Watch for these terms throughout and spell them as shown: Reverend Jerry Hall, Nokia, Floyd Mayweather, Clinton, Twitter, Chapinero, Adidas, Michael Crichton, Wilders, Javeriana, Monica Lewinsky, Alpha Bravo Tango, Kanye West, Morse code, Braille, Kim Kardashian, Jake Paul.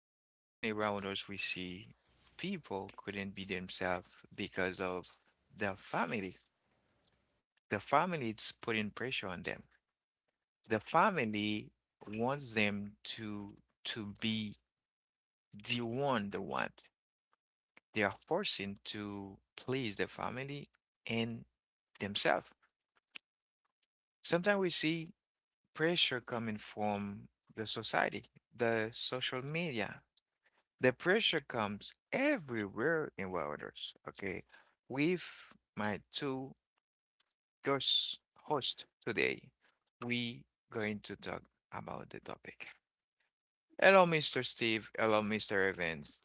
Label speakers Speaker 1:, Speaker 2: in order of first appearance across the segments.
Speaker 1: So often around us, we see people couldn't be themselves because of the family. The family is putting pressure on them. The family wants them to be the one they want. They are forcing to please their family and themselves. Sometimes we see pressure coming from the society, the social media. The pressure comes everywhere in Wilders. Okay. With my two guest hosts today, we going to talk about the topic. Hello, Mr. Steve. Hello, Mr. Evans.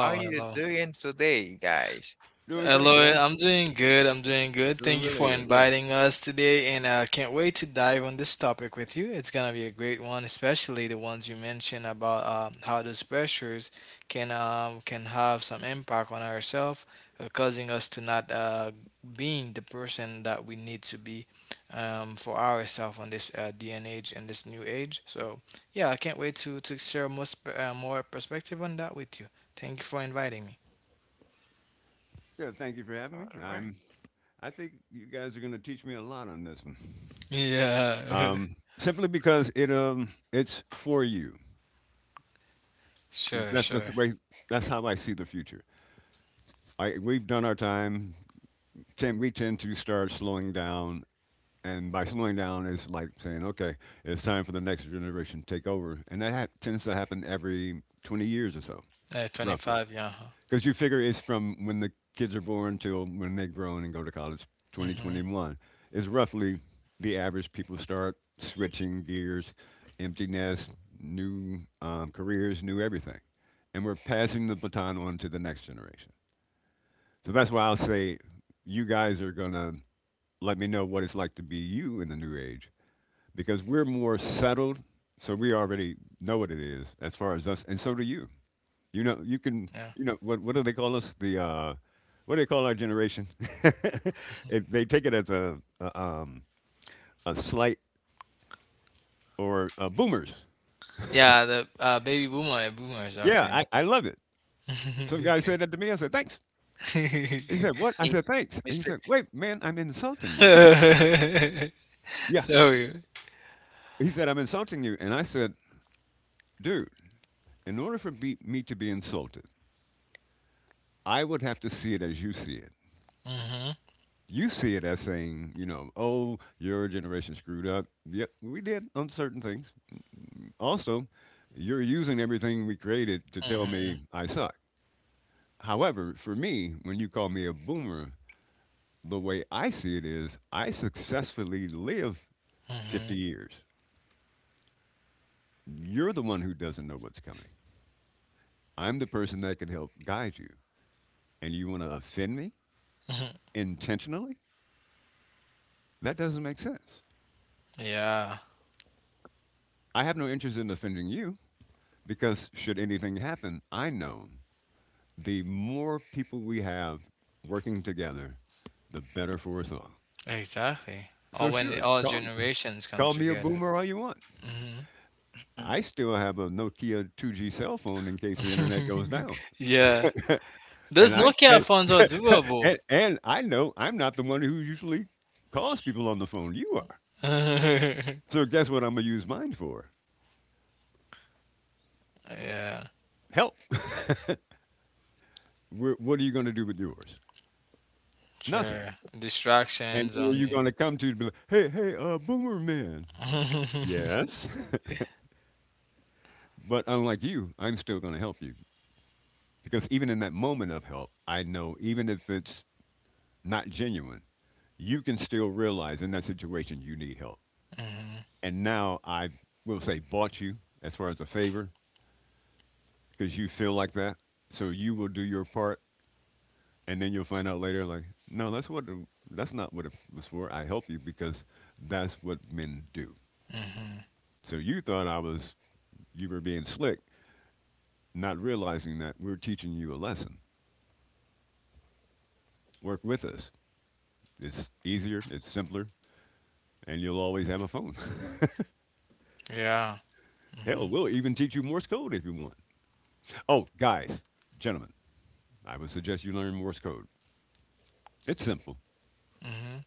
Speaker 1: How are you
Speaker 2: hello.
Speaker 1: doing today, guys?
Speaker 3: Doing great,
Speaker 2: Hello,
Speaker 3: guys.
Speaker 2: I'm doing good.
Speaker 3: Doing
Speaker 2: Thank you
Speaker 3: really
Speaker 2: for
Speaker 3: good. Yeah.
Speaker 2: inviting us today, and I can't wait to dive on this topic with you. It's gonna be a great one, especially the ones you mentioned about how those pressures can have some impact on ourselves, causing us to not being the person that we need to be for ourselves on this day and age and this new age. So, yeah, I can't wait to share most more perspective on that with you. Thank you for inviting me.
Speaker 3: Yeah. Thank you for
Speaker 1: All
Speaker 3: having me.
Speaker 1: right.
Speaker 3: I think you guys are going to teach me a lot on this one.
Speaker 2: Yeah.
Speaker 3: Simply because it it's for you.
Speaker 2: Sure,
Speaker 3: That's
Speaker 2: sure.
Speaker 3: the way. That's how I see the future. I We've done our time. Ten, we tend to start slowing down, and by slowing down, it's like saying, okay, it's time for the next generation to take over, and that tends to happen every 20 years or so, roughly.
Speaker 2: 25, yeah. huh.
Speaker 3: Because you figure it's from when the kids are born till when they grown and go to college,
Speaker 2: Mm-hmm.
Speaker 3: 2021 is roughly the average. People start switching gears, empty nest, new careers, new everything, and we're passing the baton on to the next generation. So that's why I'll say you guys are gonna let me know what it's like to be you in the new age because we're more settled, so we already know what it is as far as us, and so do you. You know, you can,
Speaker 2: Yeah.
Speaker 3: you know, what do they call us? The What do they call our generation? It, they take it as a slight or boomers.
Speaker 2: Yeah, the baby boomer, boomers,
Speaker 3: Yeah,
Speaker 2: okay.
Speaker 3: I love it. Some guy
Speaker 2: Okay.
Speaker 3: said that to me. I said thanks. He said
Speaker 1: Eh,
Speaker 3: what? I said thanks.
Speaker 1: Mr.
Speaker 3: And he said wait, man, I'm insulting you. Yeah.
Speaker 2: Sorry.
Speaker 3: He said I'm insulting you, and I said, dude, in order for me to be insulted, I would have to see it as you see it.
Speaker 2: Mm-hmm.
Speaker 3: You see it as saying, you know, oh, your generation screwed up. Yep, we did on certain things. Also, you're using everything we created to tell
Speaker 2: Mm-hmm.
Speaker 3: me I suck. However, for me, when you call me a boomer, the way I see it is I successfully live
Speaker 2: Mm-hmm.
Speaker 3: 50 years. You're the one who doesn't know what's coming. I'm the person that can help guide you. And you want to offend me intentionally? That doesn't make sense.
Speaker 2: Yeah,
Speaker 3: I have no interest in offending you because, should anything happen, I know the more people we have working together, the better for us all.
Speaker 2: exactly.
Speaker 3: So
Speaker 2: Or when
Speaker 3: sure,
Speaker 2: all generations come
Speaker 3: call me a
Speaker 2: together.
Speaker 3: boomer all you want.
Speaker 2: Mm-hmm.
Speaker 1: Mm.
Speaker 3: I still have a Nokia 2G cell phone in case the internet goes down,
Speaker 2: Yeah.
Speaker 3: and
Speaker 2: Those
Speaker 3: I'm
Speaker 2: Nokia
Speaker 3: and,
Speaker 2: phones are doable.
Speaker 3: and I know I'm not the one who usually calls people on the phone. You are. So guess what? I'm gonna use mine for
Speaker 2: Yeah,
Speaker 3: help. What are you gonna do with yours? Nothing.
Speaker 2: sure.
Speaker 3: And
Speaker 2: Distractions
Speaker 3: who are you
Speaker 2: only.
Speaker 3: gonna come to? To be like, hey, hey, boomer man. Yes. But unlike you, I'm still gonna help you because even in that moment of help, I know even if it's not genuine, you can still realize in that situation you need help.
Speaker 2: Mm-hmm.
Speaker 3: And now I will say bought you as far as a favor because you feel like that. So you will do your part, and then you'll find out later, like, no, that's what that's not what it was for. I help you because that's what men do.
Speaker 2: Mm-hmm.
Speaker 3: So you thought I was you were being slick, not realizing that we're teaching you a lesson. Work with us. It's easier, it's simpler, and you'll always have a phone.
Speaker 2: Yeah. Mm-hmm.
Speaker 3: Hell, we'll even teach you Morse code if you want. Oh, guys, gentlemen, I would suggest you learn Morse code. It's simple.
Speaker 2: Mm-hmm.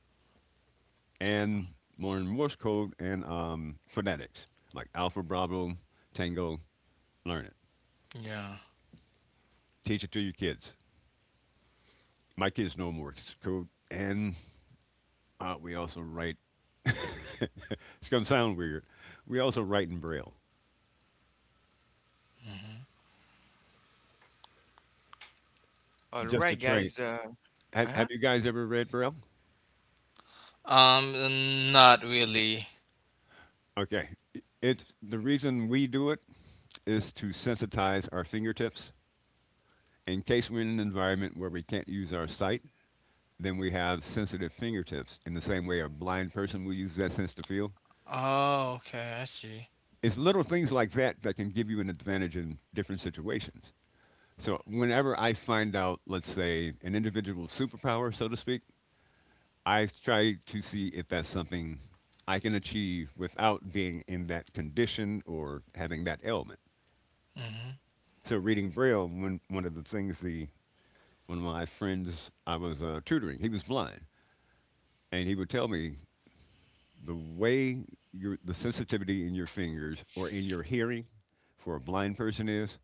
Speaker 3: And learn Morse code and phonetics, like Alpha, Bravo, Tango. Learn it.
Speaker 2: Yeah.
Speaker 3: Teach it to your kids. My kids know Morse code. And we also write, it's going to sound weird. We also write in Braille
Speaker 2: Mm-hmm.
Speaker 1: All
Speaker 3: just to
Speaker 1: right,
Speaker 3: train.
Speaker 1: guys. Uh,
Speaker 3: Have
Speaker 1: uh-huh.
Speaker 3: you guys ever read Braille?
Speaker 2: Um, not really.
Speaker 3: Okay. It's the reason we do it is to sensitize our fingertips in case we're in an environment where we can't use our sight. Then we have sensitive fingertips in the same way a blind person will use that sense to feel.
Speaker 2: Oh, okay, I see.
Speaker 3: It's little things like that that can give you an advantage in different situations. So whenever I find out, let's say, an individual's superpower, so to speak, I try to see if that's something I can achieve without being in that condition or having that ailment.
Speaker 2: Mm-hmm.
Speaker 3: So reading Braille, one of the things the one of my friends I was tutoring, he was blind, and he would tell me the way your the sensitivity in your fingers or in your hearing for a blind person is,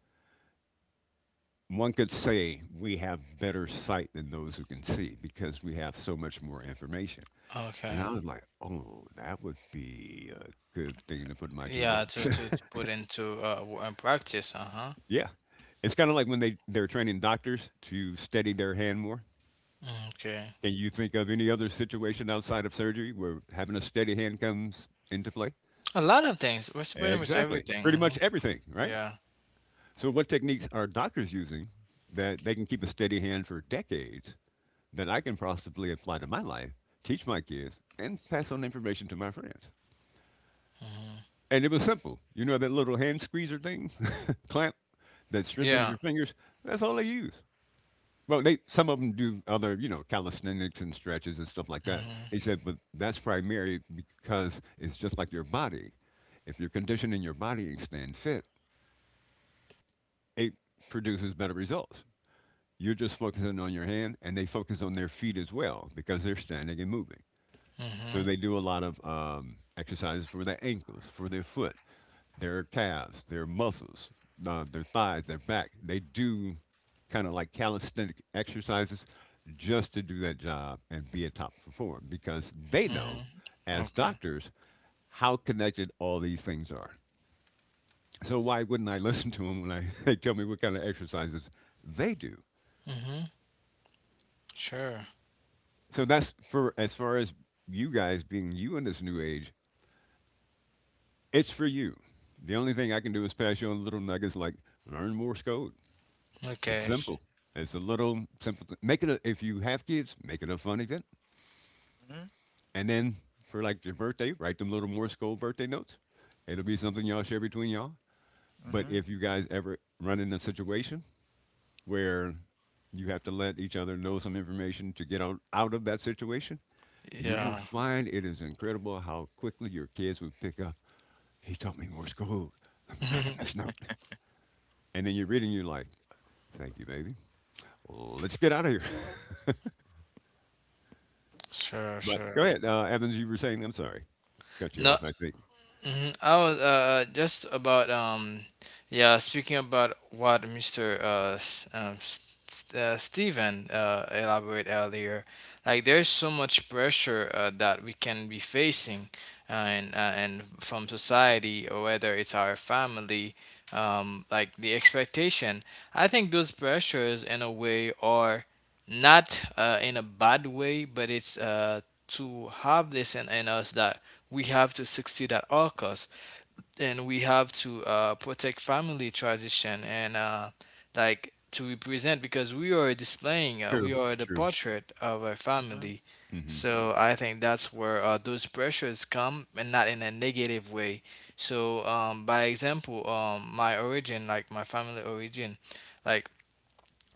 Speaker 3: one could say we have better sight than those who can see because we have so much more information. And
Speaker 2: Okay.
Speaker 3: I was like, oh, that would be a good thing to put in my
Speaker 2: Yeah,
Speaker 3: toolbox.
Speaker 2: to put into practice. Uh-huh.
Speaker 3: Yeah. It's kind of like when they're training doctors to steady their hand more.
Speaker 2: Okay.
Speaker 3: Can you think of any other situation outside of surgery where having a steady hand comes into play?
Speaker 2: A lot of things. What's pretty much
Speaker 3: Exactly.
Speaker 2: everything.
Speaker 3: Pretty
Speaker 2: Hmm.
Speaker 3: much everything, right?
Speaker 2: Yeah.
Speaker 3: So, what techniques are doctors using that they can keep a steady hand for decades that I can possibly apply to my life, teach my kids, and pass on information to my friends?
Speaker 2: Hmm.
Speaker 3: And it was simple. You know that little hand squeezer thing, clamp, that strengthens
Speaker 2: Yeah.
Speaker 3: your fingers? That's all they use. Well, they some of them do other, you know, calisthenics and stretches and stuff like that. He
Speaker 2: Mm-hmm.
Speaker 3: said, but that's primary because it's just like your body. If you're conditioning your body and staying fit, it produces better results. You're just focusing on your hand, and they focus on their feet as well because they're standing and moving. So
Speaker 2: Mm-hmm.
Speaker 3: they do a lot of exercises for their ankles, for their foot, their calves, their muscles, their thighs, their back. They do kind of like calisthenic exercises just to do that job and be a top performer because they
Speaker 2: Mm-hmm.
Speaker 3: know, as
Speaker 2: Okay.
Speaker 3: doctors, how connected all these things are. So why wouldn't I listen to them when I they tell me what kind of exercises they do?
Speaker 2: Mm-hmm. Sure.
Speaker 3: So that's for as far as you guys being you in this new age, it's for you. The only thing I can do is pass you on little nuggets like learn Morse code. It's
Speaker 2: Okay.
Speaker 3: simple. It's a little simple. Make it a, if you have kids, make it a fun event.
Speaker 1: Mm-hmm.
Speaker 3: And then for like your birthday, write them little Morse code birthday notes. It'll be something y'all share between y'all. But
Speaker 1: Mm-hmm.
Speaker 3: if you guys ever run in a situation where you have to let each other know some information to get out of that situation, you will
Speaker 2: Yeah.
Speaker 3: find it is incredible how quickly your kids will pick up. He taught me Morse code. Let me write him this note. And then you read and you're like, thank you, baby. Let's get out of here.
Speaker 2: Sure,
Speaker 3: But
Speaker 2: sure.
Speaker 3: go ahead, Evans, you were saying, I'm sorry, cut you
Speaker 2: No,
Speaker 3: off, I think.
Speaker 2: hmm I was just about yeah speaking about what Mister Stephen elaborate earlier, like there's so much pressure that we can be facing, and from society or whether it's our family, like the expectation. I think those pressures in a way are not in a bad way, but it's to have this in us that we have to succeed at all costs and we have to protect family tradition and like to represent because we are displaying we
Speaker 3: True,
Speaker 2: are the
Speaker 3: true.
Speaker 2: portrait of our
Speaker 1: Mhm,
Speaker 2: family.
Speaker 3: Hmm.
Speaker 2: So I think that's where those pressures come and not in a negative way. So by example, my origin, like my family origin, like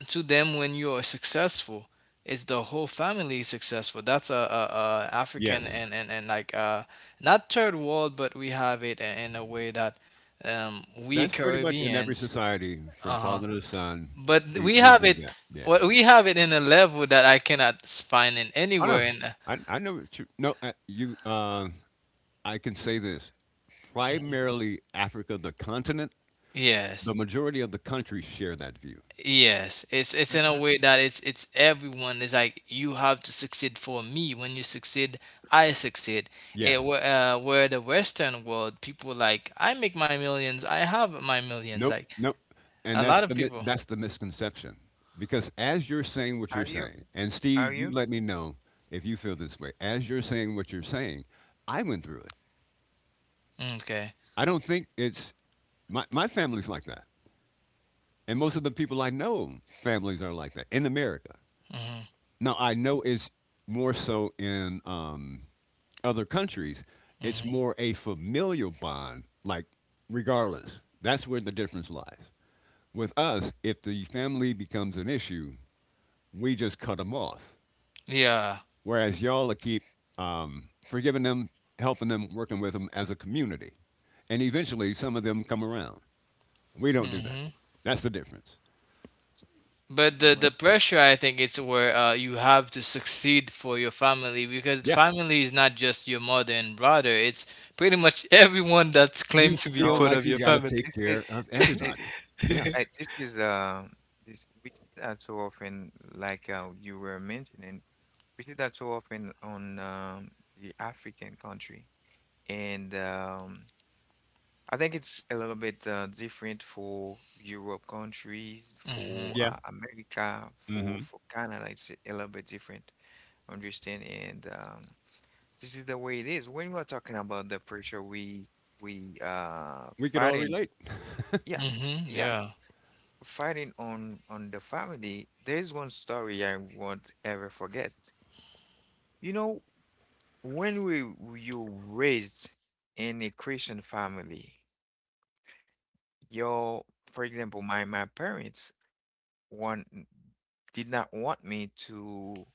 Speaker 2: to them when you are successful, it's the whole family is successful. That's a African,
Speaker 3: Yes,
Speaker 2: and like not third world, but we have it in a way that we
Speaker 3: that's pretty much in every
Speaker 2: Caribbeans,
Speaker 3: society from
Speaker 2: uh-huh,
Speaker 3: father to son.
Speaker 2: but we
Speaker 3: We
Speaker 2: have
Speaker 3: do
Speaker 2: it.
Speaker 3: that. Yeah.
Speaker 2: What we have it in a level that I cannot find in
Speaker 3: I
Speaker 2: anywhere
Speaker 3: know.
Speaker 2: in
Speaker 3: I know. It's true. No, you. I can say this primarily Africa, the continent,
Speaker 2: yes.
Speaker 3: the majority of the countries share that view.
Speaker 2: Yes, it's in a
Speaker 1: mhm.
Speaker 2: way that it's everyone. It's like you have to succeed for me. When you succeed, I succeed. It,
Speaker 3: Yes.
Speaker 2: where the Western world, people like I make my millions. I have my millions.
Speaker 3: Nope.
Speaker 2: Like
Speaker 3: Nope. And
Speaker 2: a lot
Speaker 3: that's
Speaker 2: of
Speaker 3: the
Speaker 2: people.
Speaker 3: that's the misconception because as you're saying what you're
Speaker 1: Are you?
Speaker 3: saying, and
Speaker 1: Are
Speaker 3: Steve, you
Speaker 1: you?
Speaker 3: let me know if you feel this way. As you're saying what you're saying, I went through it.
Speaker 2: Okay.
Speaker 3: I don't think it's my family's like that, and most of the people I know, families are like that in America.
Speaker 2: Hmm.
Speaker 3: Now I know it's more so in other countries, it's
Speaker 2: Hmm.
Speaker 3: more a familial bond, like regardless. That's where the difference lies. With us, if the family becomes an issue, we just cut them off.
Speaker 2: Yeah.
Speaker 3: Whereas y'all will keep forgiving them, helping them, working with them as a community. And eventually, some of them come around. We don't do that. That's the difference.
Speaker 2: But the
Speaker 1: Mm,
Speaker 2: the
Speaker 1: right.
Speaker 2: pressure, I think, it's where you have to succeed for your family because
Speaker 3: Yeah.
Speaker 2: family is not just your mother and brother. It's pretty much everyone that's
Speaker 3: You
Speaker 2: claimed to be
Speaker 3: feel
Speaker 1: No,
Speaker 2: part of
Speaker 3: like
Speaker 2: your
Speaker 3: you got to
Speaker 2: family.
Speaker 3: take care of
Speaker 1: this is this is,
Speaker 3: everybody. Yeah.
Speaker 1: right, this we see that so often, like you were mentioning. We see that so often on the African country, and I think it's a little bit different for Europe countries,
Speaker 2: Mm-hmm.
Speaker 1: for
Speaker 3: Yeah.
Speaker 1: America, for
Speaker 3: Hmm.
Speaker 1: Canada. It's a little bit different, understand? And this is the way it is. When we are talking about the pressure we
Speaker 3: We could all
Speaker 1: fighting,
Speaker 3: relate.
Speaker 1: yeah,
Speaker 2: Mm-hmm.
Speaker 1: yeah,
Speaker 2: Yeah.
Speaker 1: fighting on the family, there's one story I won't ever forget. You know, when we you raised in a Christian family, your, for example, my parents want did not want me to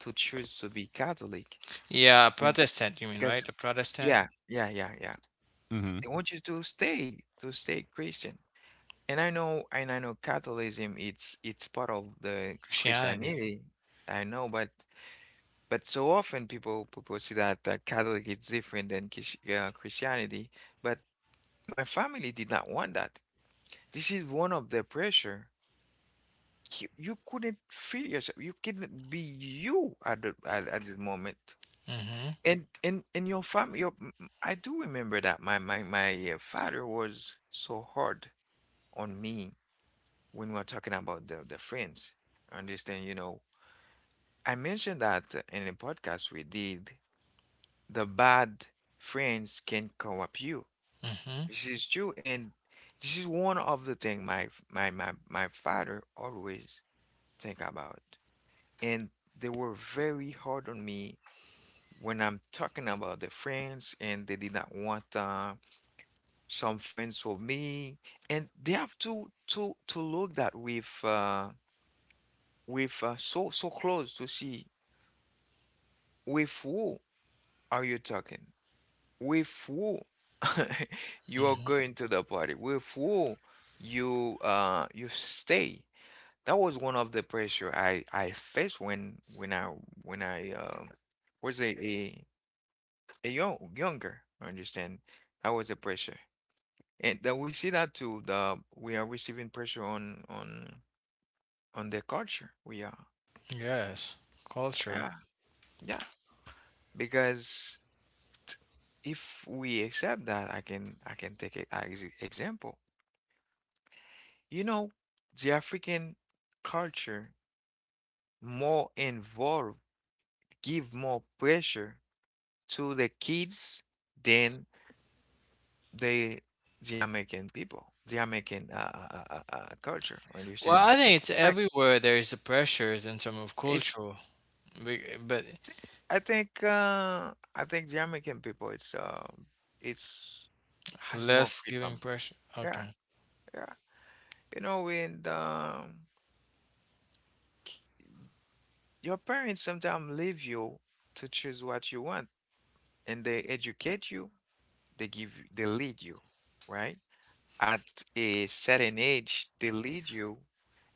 Speaker 1: to choose to be Catholic,
Speaker 2: Yeah,
Speaker 1: and
Speaker 2: Protestant, you mean,
Speaker 1: because,
Speaker 2: right? The Protestant
Speaker 1: yeah, yeah, yeah, yeah,
Speaker 3: Hmm.
Speaker 1: they want you to stay Christian. And I know, Catholicism, it's part of the
Speaker 2: Christianity.
Speaker 1: Christianity. I know, but. So often people propose that, Catholic is different than Christianity, but my family did not want that. This is one of the pressure. You couldn't feel yourself. You couldn't be you at this moment.
Speaker 2: Mm-hmm.
Speaker 1: And your family, I do remember that my father was so hard on me when we were talking about the friends. Understand? You know, I mentioned that in a podcast we did the bad friends can corrupt you.
Speaker 2: Mm-hmm.
Speaker 1: This is true, and this is one of the thing my father always think about. And they were very hard on me when I'm talking about the friends, and they did not want some friends for me, and they have to look that with so close to see with who are you talking. With who you are
Speaker 2: Mm-hmm.
Speaker 1: going to the party, with who you stay. That was one of the pressure I faced when I was a younger. Understand? That was the pressure, and that we see that too. The We are receiving pressure on the culture. We are,
Speaker 2: Yes. Culture.
Speaker 1: yeah, yeah, because if we accept that, I can take an example. You know, the African culture more involved, give more pressure to the kids than the the American people, the American culture.
Speaker 2: Well,
Speaker 1: Understand?
Speaker 2: I think it's
Speaker 1: In fact,
Speaker 2: everywhere there is a pressures in terms of
Speaker 1: it's,
Speaker 2: cultural, be- but
Speaker 1: I think the American people it's has more
Speaker 2: less giving
Speaker 1: freedom.
Speaker 2: pressure.
Speaker 1: Yeah,
Speaker 2: Okay.
Speaker 1: yeah. You know, and your parents sometimes leave you to choose what you want, and they educate you. They lead you, right? At a certain age, they lead you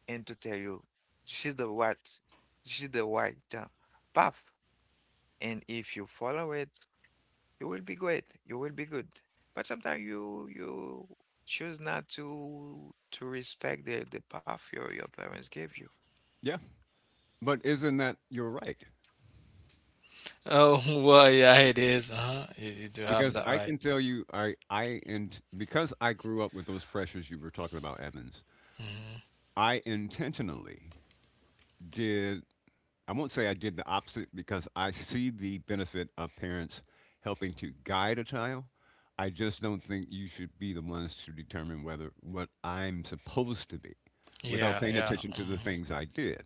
Speaker 1: and to tell you this is the what, this is the right path, and if you follow it, you will be great, you will be good. But sometimes you choose not to respect the path your parents gave you.
Speaker 3: Yeah. But isn't that your right?
Speaker 2: Oh, well, yeah, it is. Uh-huh. You do have
Speaker 3: Because
Speaker 2: that
Speaker 3: I
Speaker 2: right.
Speaker 3: can tell you, I and because I grew up with those pressures you were talking about, Evans.
Speaker 2: Mm-hmm.
Speaker 3: I intentionally did. I won't say I did the opposite because I see the benefit of parents helping to guide a child. I just don't think you should be the ones to determine whether what I'm supposed to be without
Speaker 2: Yeah,
Speaker 3: paying
Speaker 2: yeah.
Speaker 3: attention to the
Speaker 2: Mm-hmm.
Speaker 3: things I did.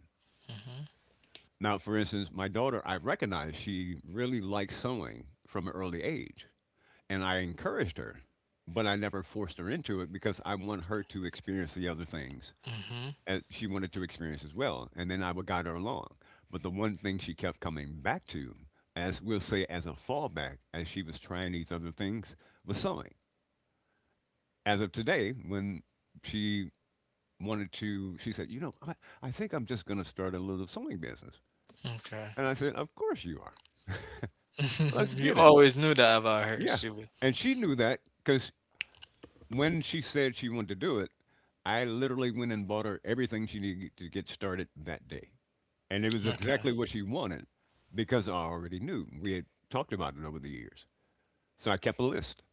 Speaker 3: Now, for instance, my daughter, I recognize she really likes sewing from an early age, and I encouraged her, but I never forced her into it because I want her to experience the other things
Speaker 2: Mm-hmm.
Speaker 3: as she wanted to experience as well. And then I would guide her along. But the one thing she kept coming back to, as we'll say, as a fallback, as she was trying these other things, was sewing. As of today, when she wanted to, she said, "You know, I think I'm just going to start a little sewing business."
Speaker 2: Mm-hmm. Okay.
Speaker 3: And I said, "Of course you are. Let's
Speaker 2: You
Speaker 3: get it."
Speaker 2: always knew that about her.
Speaker 3: Yeah.
Speaker 2: She would.
Speaker 3: And she knew that because when she said she wanted to do it, I literally went and bought her everything she needed to get started that day. And it was
Speaker 2: Okay.
Speaker 3: exactly what she wanted because I already knew. We had talked about it over the years. So I kept a list.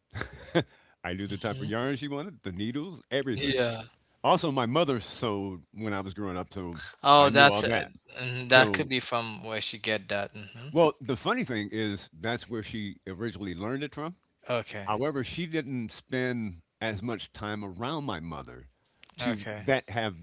Speaker 3: I knew the type of
Speaker 2: Hmm.
Speaker 3: yarn she wanted, the needles, everything.
Speaker 2: Yeah.
Speaker 3: Also, my mother sewed when I was growing up, so I
Speaker 2: Oh,
Speaker 3: knew all
Speaker 2: that's
Speaker 3: that.
Speaker 2: mhm, that could
Speaker 3: So,
Speaker 2: be from where she get that. Hmm.
Speaker 3: well, the funny thing is that's where she originally learned it from.
Speaker 2: Okay.
Speaker 3: However, she didn't spend as much time around my mother to
Speaker 2: Okay.
Speaker 3: that have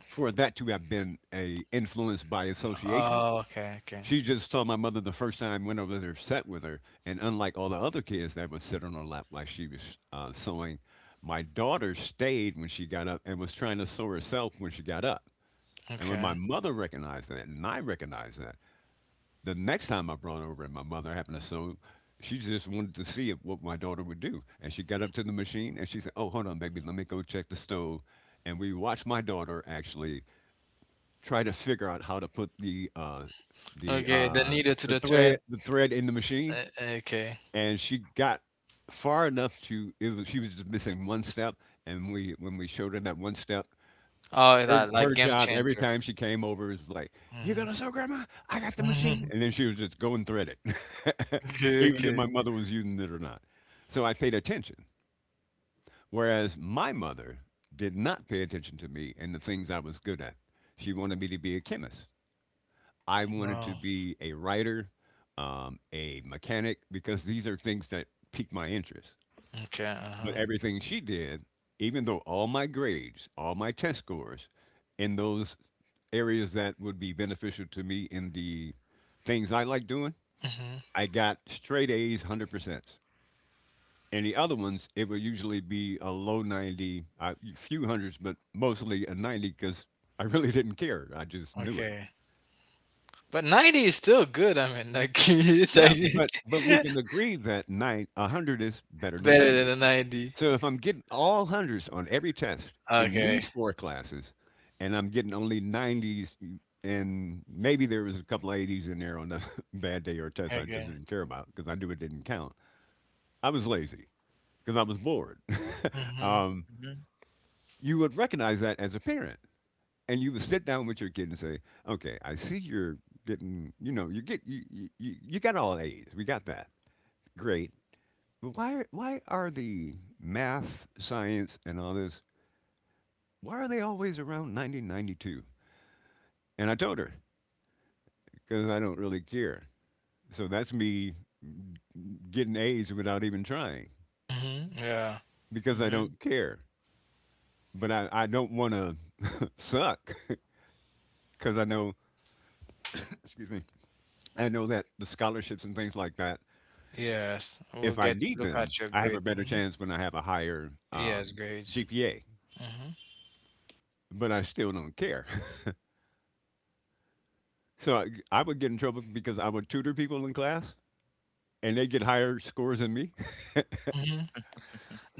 Speaker 3: for that to have been a influence by association.
Speaker 2: Oh, okay. Okay.
Speaker 3: She just saw my mother the first time, went over there, sat with her, and unlike all the other kids that would sit on her lap like she was sewing, my daughter stayed when she got up and was trying to sew herself when she got up. And when my
Speaker 2: Okay.
Speaker 3: mother recognized that, and I recognized that, the next time I brought her over and my mother happened to sew, she just wanted to see if, what my daughter would do. And she got up to the machine and she said, "Oh, hold on, baby, let me go check the stove." And we watched my daughter actually try to figure out how to put the the
Speaker 2: Okay. The
Speaker 3: uh,
Speaker 2: needle to
Speaker 3: the
Speaker 2: the
Speaker 3: thread
Speaker 2: thread.
Speaker 3: the thread in the machine,
Speaker 2: Uh, okay.
Speaker 3: and she got far enough to. It was, she was just missing one step, and we when we showed her that one step,
Speaker 2: Oh,
Speaker 3: her
Speaker 2: that like
Speaker 3: her
Speaker 2: game
Speaker 3: job every
Speaker 2: changer.
Speaker 3: time she came over is like, "You
Speaker 2: Hmm.
Speaker 3: gonna sew, Grandma? I got the machine," and then she was just go and thread it,
Speaker 2: okay.
Speaker 3: even if
Speaker 2: Okay.
Speaker 3: my mother was using it or not. So I paid attention, whereas my mother did not pay attention to me and the things I was good at. She wanted me to be a chemist. I wanted to
Speaker 2: Oh.
Speaker 3: be a writer, a mechanic, because these are things that piqued my interest.
Speaker 2: Okay. Uh
Speaker 3: But
Speaker 2: huh.
Speaker 3: everything she did, even though all my grades, all my test scores in those areas that would be beneficial to me in the things I like doing,
Speaker 2: Hmm.
Speaker 3: I got straight A's, 100%. And the other ones, it would usually be a low 90, a few hundreds, but mostly a 90 because I really didn't care. I just knew it.
Speaker 2: Okay. But 90 is still good. I mean, like it's like
Speaker 3: Yeah, but but we can agree that nine 100 is better than
Speaker 2: better than
Speaker 3: 90.
Speaker 2: a 90.
Speaker 3: So if I'm getting all 100s on every test in
Speaker 2: Okay.
Speaker 3: these 4 classes and I'm getting only 90s and maybe there was a couple of 80s in there on a bad day or a test I just
Speaker 2: Okay.
Speaker 3: didn't care about because I knew it didn't count. I was lazy because I was bored.
Speaker 2: Hmm.
Speaker 3: um,
Speaker 1: Mm-hmm.
Speaker 3: you would recognize that as a parent and you would sit down with your kid and say, "Okay, I see you're getting, you know, you get you you, you you got all A's. We got that. Great. Why are the math, science, and all this? Why are they always around 1992?" And I told her because I don't really care. So that's me getting A's without even trying
Speaker 2: Hmm. Yeah.
Speaker 3: because I
Speaker 1: Mm-hmm.
Speaker 3: don't care. But I don't want to suck because I know, excuse me, I know that the scholarships and things like that,
Speaker 2: Yes. We'll
Speaker 3: if I
Speaker 2: get
Speaker 3: need
Speaker 2: look
Speaker 3: them,
Speaker 2: at your
Speaker 3: I have a
Speaker 2: grade.
Speaker 3: better
Speaker 2: Hmm.
Speaker 3: chance when I have a higher
Speaker 2: Yes, grades.
Speaker 3: GPA. But I still don't care. So I would get in trouble because I would tutor people in class and they get higher scores than me.
Speaker 2: Mhm.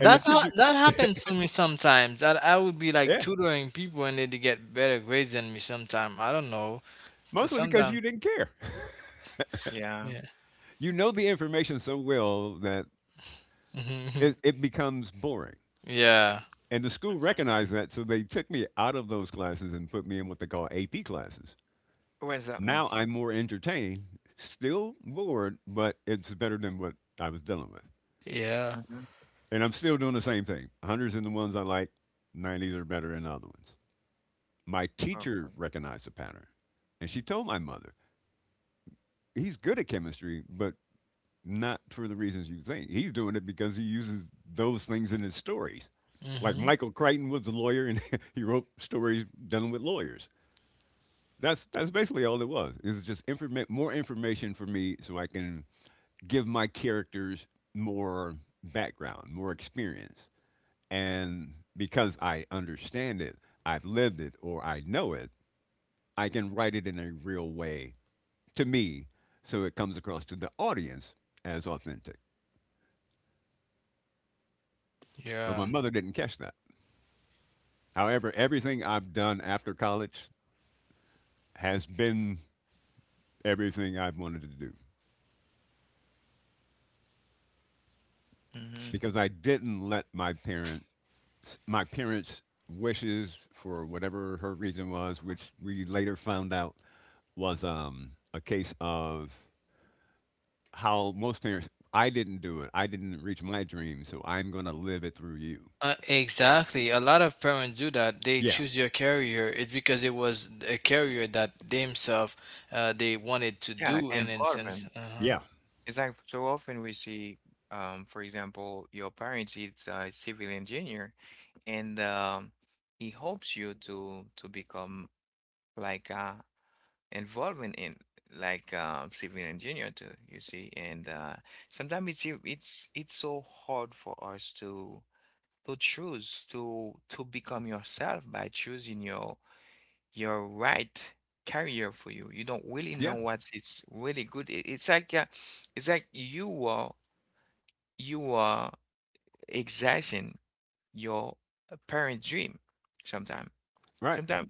Speaker 3: And the
Speaker 2: ha-
Speaker 3: teacher,
Speaker 2: that happens to me sometimes. That I would be like
Speaker 3: yeah,
Speaker 2: tutoring people and they'd get better grades than me sometimes. I don't know. So
Speaker 3: mostly because you
Speaker 2: sometimes,
Speaker 3: didn't care.
Speaker 1: Yeah.
Speaker 2: yeah,
Speaker 3: You know the information so well that
Speaker 2: Mhm.
Speaker 3: it, it becomes boring.
Speaker 2: yeah,
Speaker 3: And the school
Speaker 1: Mhm.
Speaker 3: recognized that, so they took me out of those classes and put me in what they call AP classes.
Speaker 1: What does that mean?
Speaker 3: Now I'm more entertained, still bored, but it's better than what I was dealing with.
Speaker 2: yeah,
Speaker 1: Mm-hmm.
Speaker 3: And I'm still doing the same thing. Hundreds in the ones I like, 90s are better than other ones. My
Speaker 1: Okay.
Speaker 3: teacher recognized the pattern, and she told my mother, "He's good at chemistry, but not for the reasons you think. He's doing it because he uses those things in his stories." Like
Speaker 2: hmm
Speaker 3: Michael Crichton was a lawyer and he wrote stories dealing with lawyers. That's basically all it was. It was just informa- more information for me so I can give my characters more background, more experience. And because I understand it, I've lived it or I know it, I can write it in a real way to me so it comes across to the audience as authentic. But my
Speaker 2: yeah.
Speaker 3: mother didn't catch that. However, everything I've done after college has been everything I've wanted to do
Speaker 1: Mm-hmm.
Speaker 3: because I didn't let my parents' wishes for whatever her reason was, which we later found out was a case of how most parents. I didn't do it. I didn't reach my dream, so I'm going to live it through you.
Speaker 2: Exactly. A lot of parents do that. They
Speaker 3: Yeah,
Speaker 2: choose their career. It's because it was a career that they themselves they wanted to
Speaker 1: Yeah,
Speaker 2: do in a sense.
Speaker 1: involvement.
Speaker 2: Uh-huh.
Speaker 3: yeah,
Speaker 1: It's like so often we see, for example, your parents is a civil engineer, and he hopes you to become like involvement in like civil engineer too. You see, and sometimes it's e- it's it's so hard for us to choose to become yourself by choosing your right career for you. You don't really know
Speaker 3: yeah.
Speaker 1: what it's really good. It's like you are exercising your parent dream sometimes.
Speaker 3: Right.
Speaker 1: Sometimes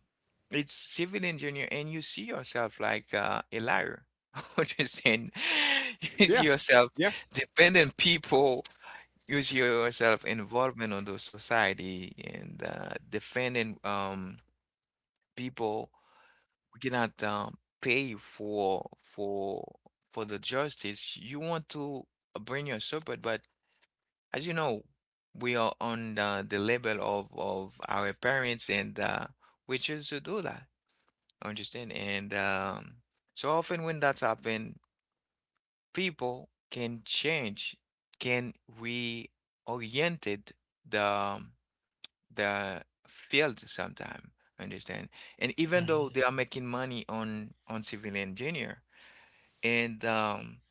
Speaker 1: it's civil engineer and you see yourself like a liar. Understand? You
Speaker 3: Yeah,
Speaker 1: see yourself
Speaker 3: yeah.
Speaker 1: dependent people. You see yourself involvement on the society and defending people who cannot pay for the justice. You want to bring your support, but as you know, we are on the level of our parents, and we choose to do that. Understand? And so often when that's happened, people can change, can reoriented the um, the field sometime. Understand? And even though
Speaker 2: Hmm.
Speaker 1: they are making money on civil engineer, and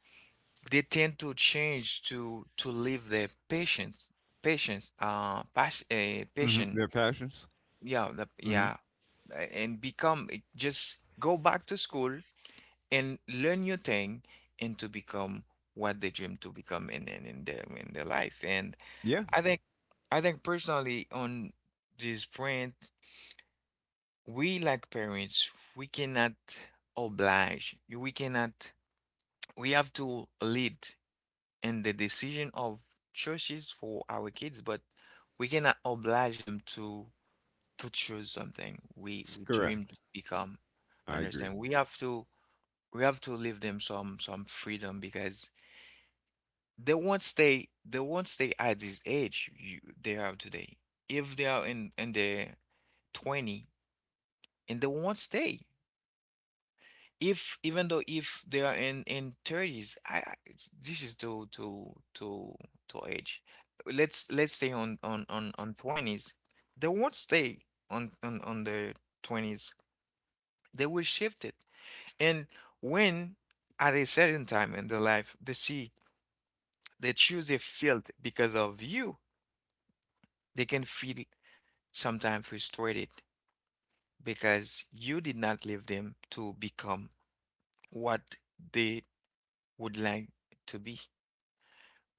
Speaker 1: they tend to change to leave the patients patients uh pas uh,
Speaker 3: Hmm.
Speaker 1: patient
Speaker 3: Their passions.
Speaker 1: yeah,
Speaker 3: Hmm.
Speaker 1: and become just go back to school and learn your thing and to become what they dream to become in their life and
Speaker 3: Yeah,
Speaker 1: I think personally on this point we like parents we cannot oblige, we cannot we have to lead and the decision of choices for our kids, but we cannot oblige them to choose something we dream
Speaker 3: correct.
Speaker 1: to become.
Speaker 3: I agree.
Speaker 1: Understand? We have to leave them some freedom because they won't stay at this age they are today. If they are in their 20 and they won't stay. If even though if they are in 30s it's, this is too age, let's stay on 20s, they won't stay on the 20s, they will shift it. And when at a certain time in their life they see they choose a field because of you, they can feel sometimes frustrated because you did not leave them to become what they would like to be.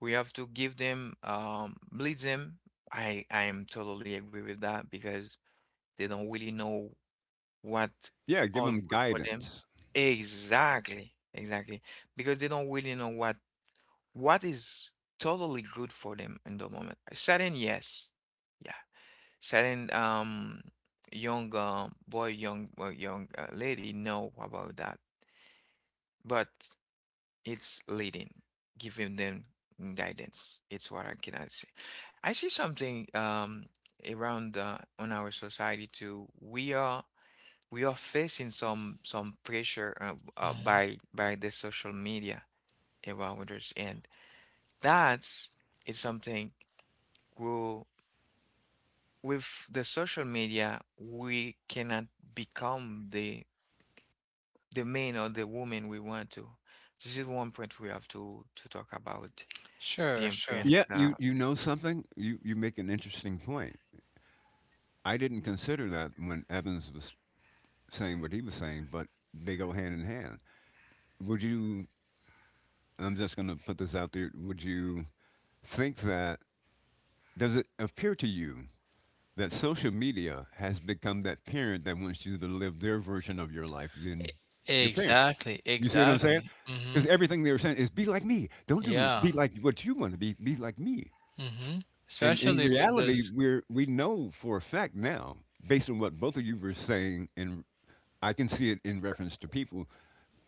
Speaker 1: We have to give them, lead them. I am totally agree with that because they don't really know what
Speaker 3: Yeah, give
Speaker 1: all
Speaker 3: them
Speaker 1: good for them.
Speaker 3: guidance.
Speaker 1: Exactly, exactly. Because they don't really know what is totally good for them in the moment. Certain, yes, yeah. Certain, young boy, young lady know about that, but. It's leading, giving them guidance. It's what I cannot say. I see something around on our society too. We are facing some pressure
Speaker 2: Hmm.
Speaker 1: by the social media around us, and that's is something we with the social media we cannot become the man or the woman we want to. This is one point we have to talk about the
Speaker 2: Sure, sure.
Speaker 1: influence
Speaker 3: Yeah, you
Speaker 1: the
Speaker 3: you know something? You make an interesting point. I didn't consider that when Evans was saying what he was saying, but they go hand in hand. Would you I'm just going to put this out there. Would you think that does it appear to you that social media has become that parent that wants you to live their version of your life than your parent?
Speaker 2: Exactly,
Speaker 3: You see what I'm saying?
Speaker 2: exactly. Hmm.
Speaker 3: Because everything they were saying is be like me. Don't do
Speaker 2: Yeah.
Speaker 3: be like what you want to be. Be like me.
Speaker 2: Mm-hmm.
Speaker 3: And in
Speaker 2: Especially with
Speaker 3: reality,
Speaker 2: those.
Speaker 3: we know for a fact now, based on what both of you were saying, and I can see it in reference to people.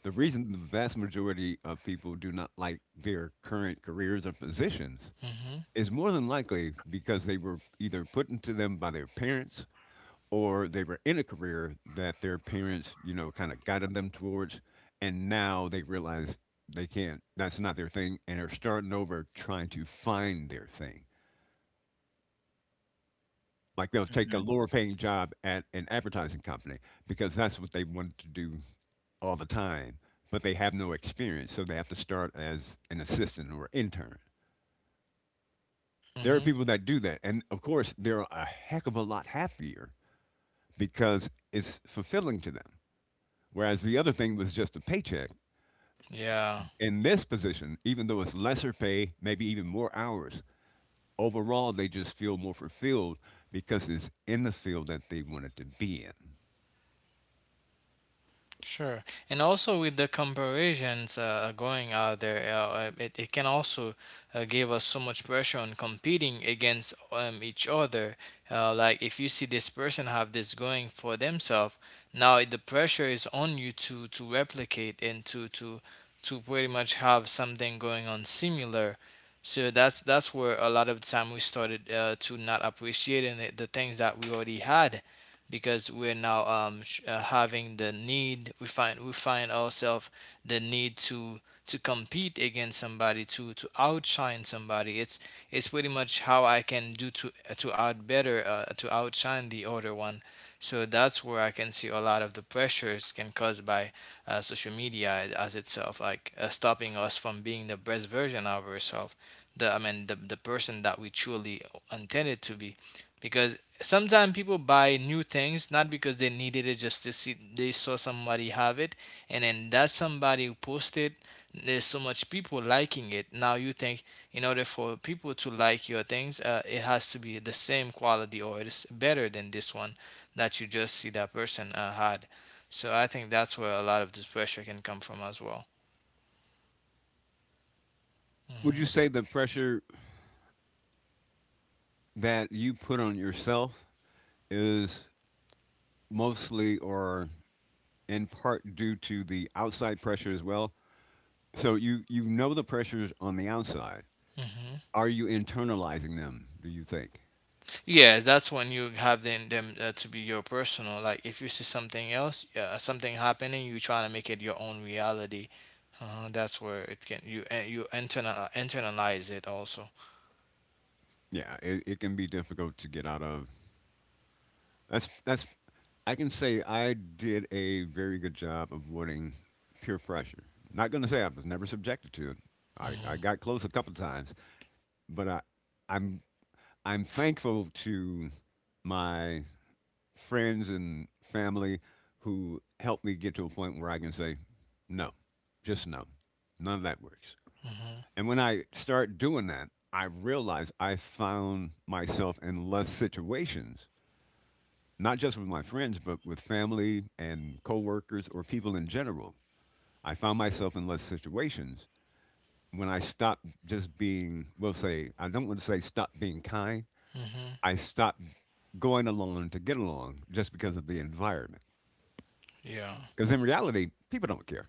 Speaker 3: The reason the vast majority of people do not like their current careers or positions
Speaker 2: Mm-hmm.
Speaker 3: is more than likely because they were either put into them by their parents or they were in a career that their parents, you know, kind of guided them towards, and now they realize they can't. That's not their thing, and are starting over trying to find their thing. Like they'll take a
Speaker 1: Mhm,
Speaker 3: lower paying job at an advertising company because that's what they wanted to do all the time, but they have no experience, so they have to start as an assistant or intern. There are
Speaker 2: Mm-hmm.
Speaker 3: people that do that, and of course, they're a heck of a lot happier because it's fulfilling to them. Whereas the other thing was just a paycheck.
Speaker 2: Yeah.
Speaker 3: In this position, even though it's lesser pay, maybe even more hours, overall they just feel more fulfilled because it's in the field that they wanted to be in.
Speaker 2: Sure. And also with the comparisons going out there, it, it can also give us so much pressure on competing against each other. Like if you see this person have this going for themselves, now the pressure is on you to replicate and to pretty much have something going on similar. So that's where a lot of time we started to not appreciating the things that we already had, because we're now having the need. We find ourselves the need to compete against somebody, to outshine somebody. It's pretty much how I can do to out better, to outshine the other one. So that's where I can see a lot of the pressures can cause by social media as itself, like stopping us from being the best version of ourselves, the I mean the person that we truly intended to be, because sometimes people buy new things not because they needed it, just to see they saw somebody have it, and then that somebody who posted, there's so much people liking it. Now you think in order for people to like your things, it has to be the same quality or it's better than this one that you just see that person had. So I think that's where a lot of this pressure can come from as well.
Speaker 3: Would you say the pressure that you put on yourself is mostly or in part due to the outside pressure as well? So you know the pressures on the outside.
Speaker 2: Mhm.
Speaker 3: Are you internalizing them, do you think?
Speaker 2: Yeah, that's when you have them to be your personal. Like if you see something else, yeah, something happening, you trying to make it your own reality. That's where it can you internalize it also.
Speaker 3: Yeah, it can be difficult to get out of. That's, that's, I can say I did a very good job of avoiding peer pressure. Not going to say I was never subjected to it. I
Speaker 2: Mhm.
Speaker 3: got close a couple times, but I'm I'm thankful to my friends and family who help me get to a point where I can say, no, just no. None of that works.
Speaker 2: Mhm.
Speaker 3: And when I start doing that, I realize I found myself in less situations, not just with my friends, but with family and coworkers or people in general. I found myself in less situations when I stopped just being, we'll say, I don't want to say stop being kind.
Speaker 2: Mhm.
Speaker 3: I stopped going along to get along just because of the environment.
Speaker 2: Yeah.
Speaker 3: Because in reality, people don't care.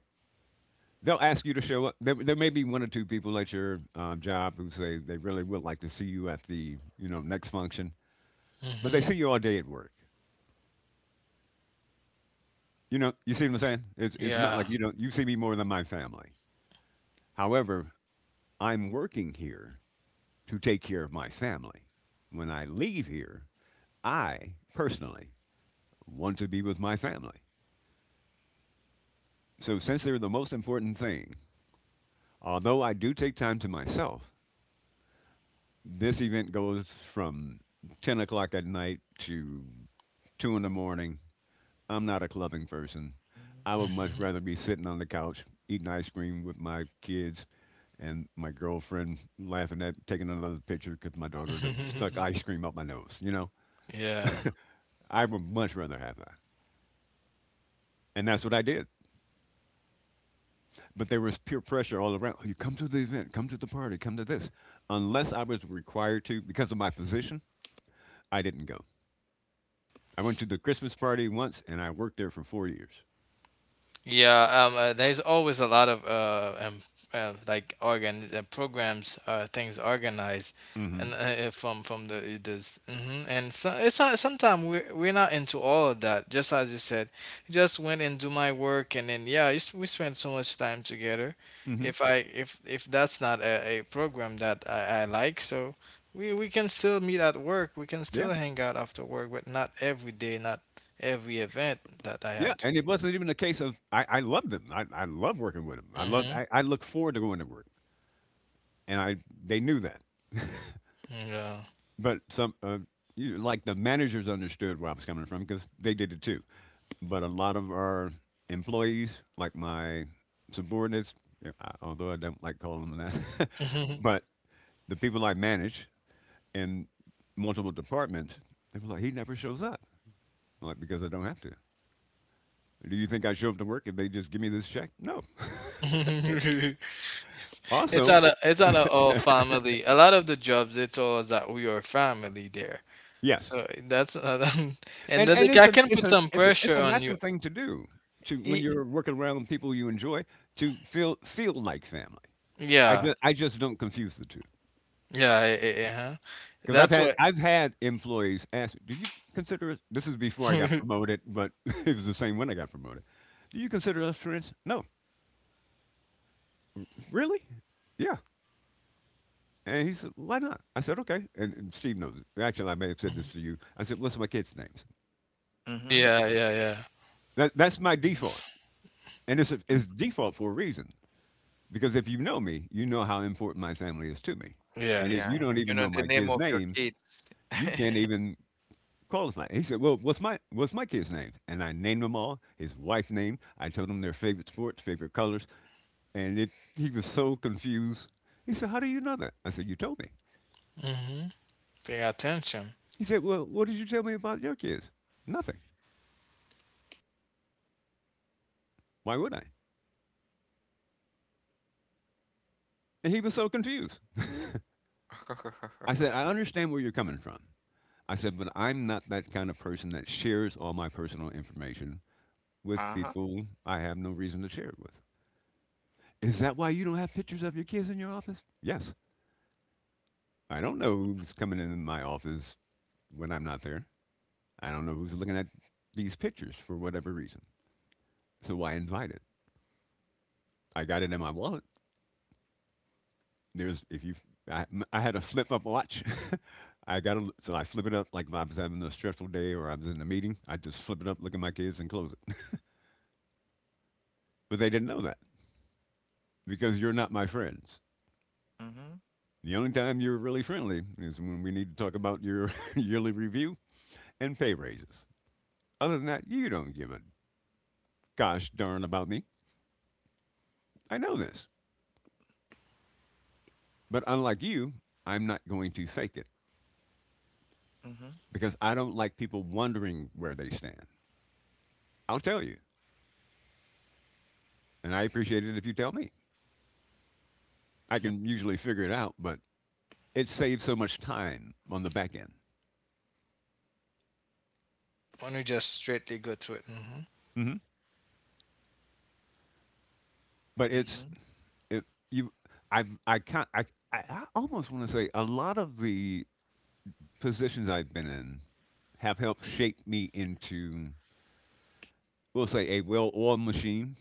Speaker 3: They'll ask you to show up. There may be one or two people at your job who say they really would like to see you at the, you know, next function, but they
Speaker 2: Mhm.
Speaker 3: see you all day at work. You know, you see what I'm saying? It's not
Speaker 2: Yeah.
Speaker 3: like you don't you see me more than my family. However, I'm working here to take care of my family. When I leave here, I personally want to be with my family. So since they're the most important thing, although I do take time to myself, this event goes from 10 o'clock at night to 2 in the morning. I'm not a clubbing person.
Speaker 1: mhm.
Speaker 3: I would much
Speaker 2: Mhm.
Speaker 3: rather be sitting on the couch eating ice cream with my kids and my girlfriend laughing at taking another picture because my daughter done stuck ice cream up my nose.
Speaker 2: yeah.
Speaker 3: I would much rather have that. And that's what I did. But there was peer pressure all around. You come to the event, come to the party, come to this. Unless I was required to because of my position, I didn't go. I went to the Christmas party once, and I worked there for 4 years.
Speaker 2: Yeah, there's always a lot of like organ programs, things organized,
Speaker 3: Mm-hmm.
Speaker 2: and from the this, hmm and so it's not, sometimes we're not into all of that. Just as you said, just went and do my work, and then yeah, it's- we spend so much time together.
Speaker 3: Mm-hmm.
Speaker 2: If I if that's not a, a program that I like, so we can still meet at work. We can still
Speaker 3: Yeah,
Speaker 2: hang out after work, but not every day, not every event that I
Speaker 3: yeah,
Speaker 2: have to.
Speaker 3: and it wasn't even a case of I love them. I love working with them. I love.
Speaker 2: Mm-hmm.
Speaker 3: I look forward to going to work, and I they knew that.
Speaker 2: Yeah.
Speaker 3: But some, you, like the managers, understood where I was coming from because they did it too. But a lot of our employees, like my subordinates, yeah, although I don't like calling them that, but the people I manage in multiple departments, they were like, he never shows up. I'm like, because I don't have to. Do you think I show up to work and they just give me this check? No.
Speaker 2: it's
Speaker 3: Also,
Speaker 2: it's not a all family. A lot of the jobs they told us that we are family there.
Speaker 3: yes.
Speaker 2: So that's another and
Speaker 3: And
Speaker 2: then
Speaker 3: and
Speaker 2: like,
Speaker 3: it's
Speaker 2: I
Speaker 3: an
Speaker 2: can
Speaker 3: it's
Speaker 2: put
Speaker 3: a
Speaker 2: some
Speaker 3: it's a it's
Speaker 2: pressure
Speaker 3: a
Speaker 2: on you.
Speaker 3: natural thing to do to when
Speaker 2: E-
Speaker 3: you're working around people you enjoy to feel like family. I
Speaker 2: Yeah,
Speaker 3: just I just don't confuse the two.
Speaker 2: yeah, eh,
Speaker 1: M
Speaker 2: eh, eh, huh?
Speaker 3: Because I've
Speaker 2: That's
Speaker 3: had
Speaker 2: what.
Speaker 3: I've had employees ask, do you consider us, this is before I got promoted, but it was the same when I got promoted. Do you consider us friends? No. Really? Yeah. And he said, why not? I said, okay. And Steve knows it. Actually, I may have said this to you. I said, what's my kids' names?
Speaker 1: Mhm,
Speaker 2: yeah, yeah, yeah.
Speaker 3: That's my default.
Speaker 2: It's,
Speaker 3: And it's, a, it's
Speaker 1: mhm.
Speaker 3: default for a reason. Because if you know me, you know how important my family is to me. And if
Speaker 1: Yeah,
Speaker 2: yes.
Speaker 3: you don't
Speaker 2: Uh-huh.
Speaker 1: you
Speaker 3: even
Speaker 1: know
Speaker 3: know
Speaker 1: the
Speaker 3: my
Speaker 1: name
Speaker 3: kids'
Speaker 1: of your
Speaker 3: names,
Speaker 1: kids.
Speaker 3: you can't even qualify. He said, well, what's my kids' names? And I named them all, his wife's name. I told him their favorite sports, favorite colors. And it, he was so confused. He said, how do you know that? I said, you told me.
Speaker 2: Mm-hmm. Pay attention.
Speaker 3: He said, well, what did you tell me about your kids? Nothing. Why would I? And he was so confused. I said, I understand where you're coming from. I said, but I'm not that kind of person that shares all my personal information with
Speaker 1: Uh-huh.
Speaker 3: people I have no reason to share it with. Is that why you don't have pictures of your kids in your office? Yes. I don't know who's coming in my office when I'm not there. I don't know who's looking at these pictures for whatever reason. So I invited. I got it in my wallet. There's if you, I had a flip up watch. I got a l- so I flip it up like if I was having a stressful day or I was in a meeting. I just flip it up, look at my kids, and close it. But they didn't know that. Because you're not my friends.
Speaker 1: Mhm,
Speaker 3: The only time you're really friendly is when we need to talk about your yearly review and pay raises. Other than that, you don't give a gosh darn about me. I know this. But unlike you, I'm not going to fake it
Speaker 1: mhm,
Speaker 3: because I don't like people wondering where they stand. I'll tell you, and I appreciate it if you tell me. I can usually figure it out, but it saves so much time on the back end.
Speaker 2: When you just straightly go to it. Mm-hmm.
Speaker 3: hmm But
Speaker 1: mhm,
Speaker 3: it's
Speaker 1: mhm,
Speaker 3: it, you. I can not I I almost want to say a lot of the positions I've been in have helped shape me into, we'll say, a well oiled machine,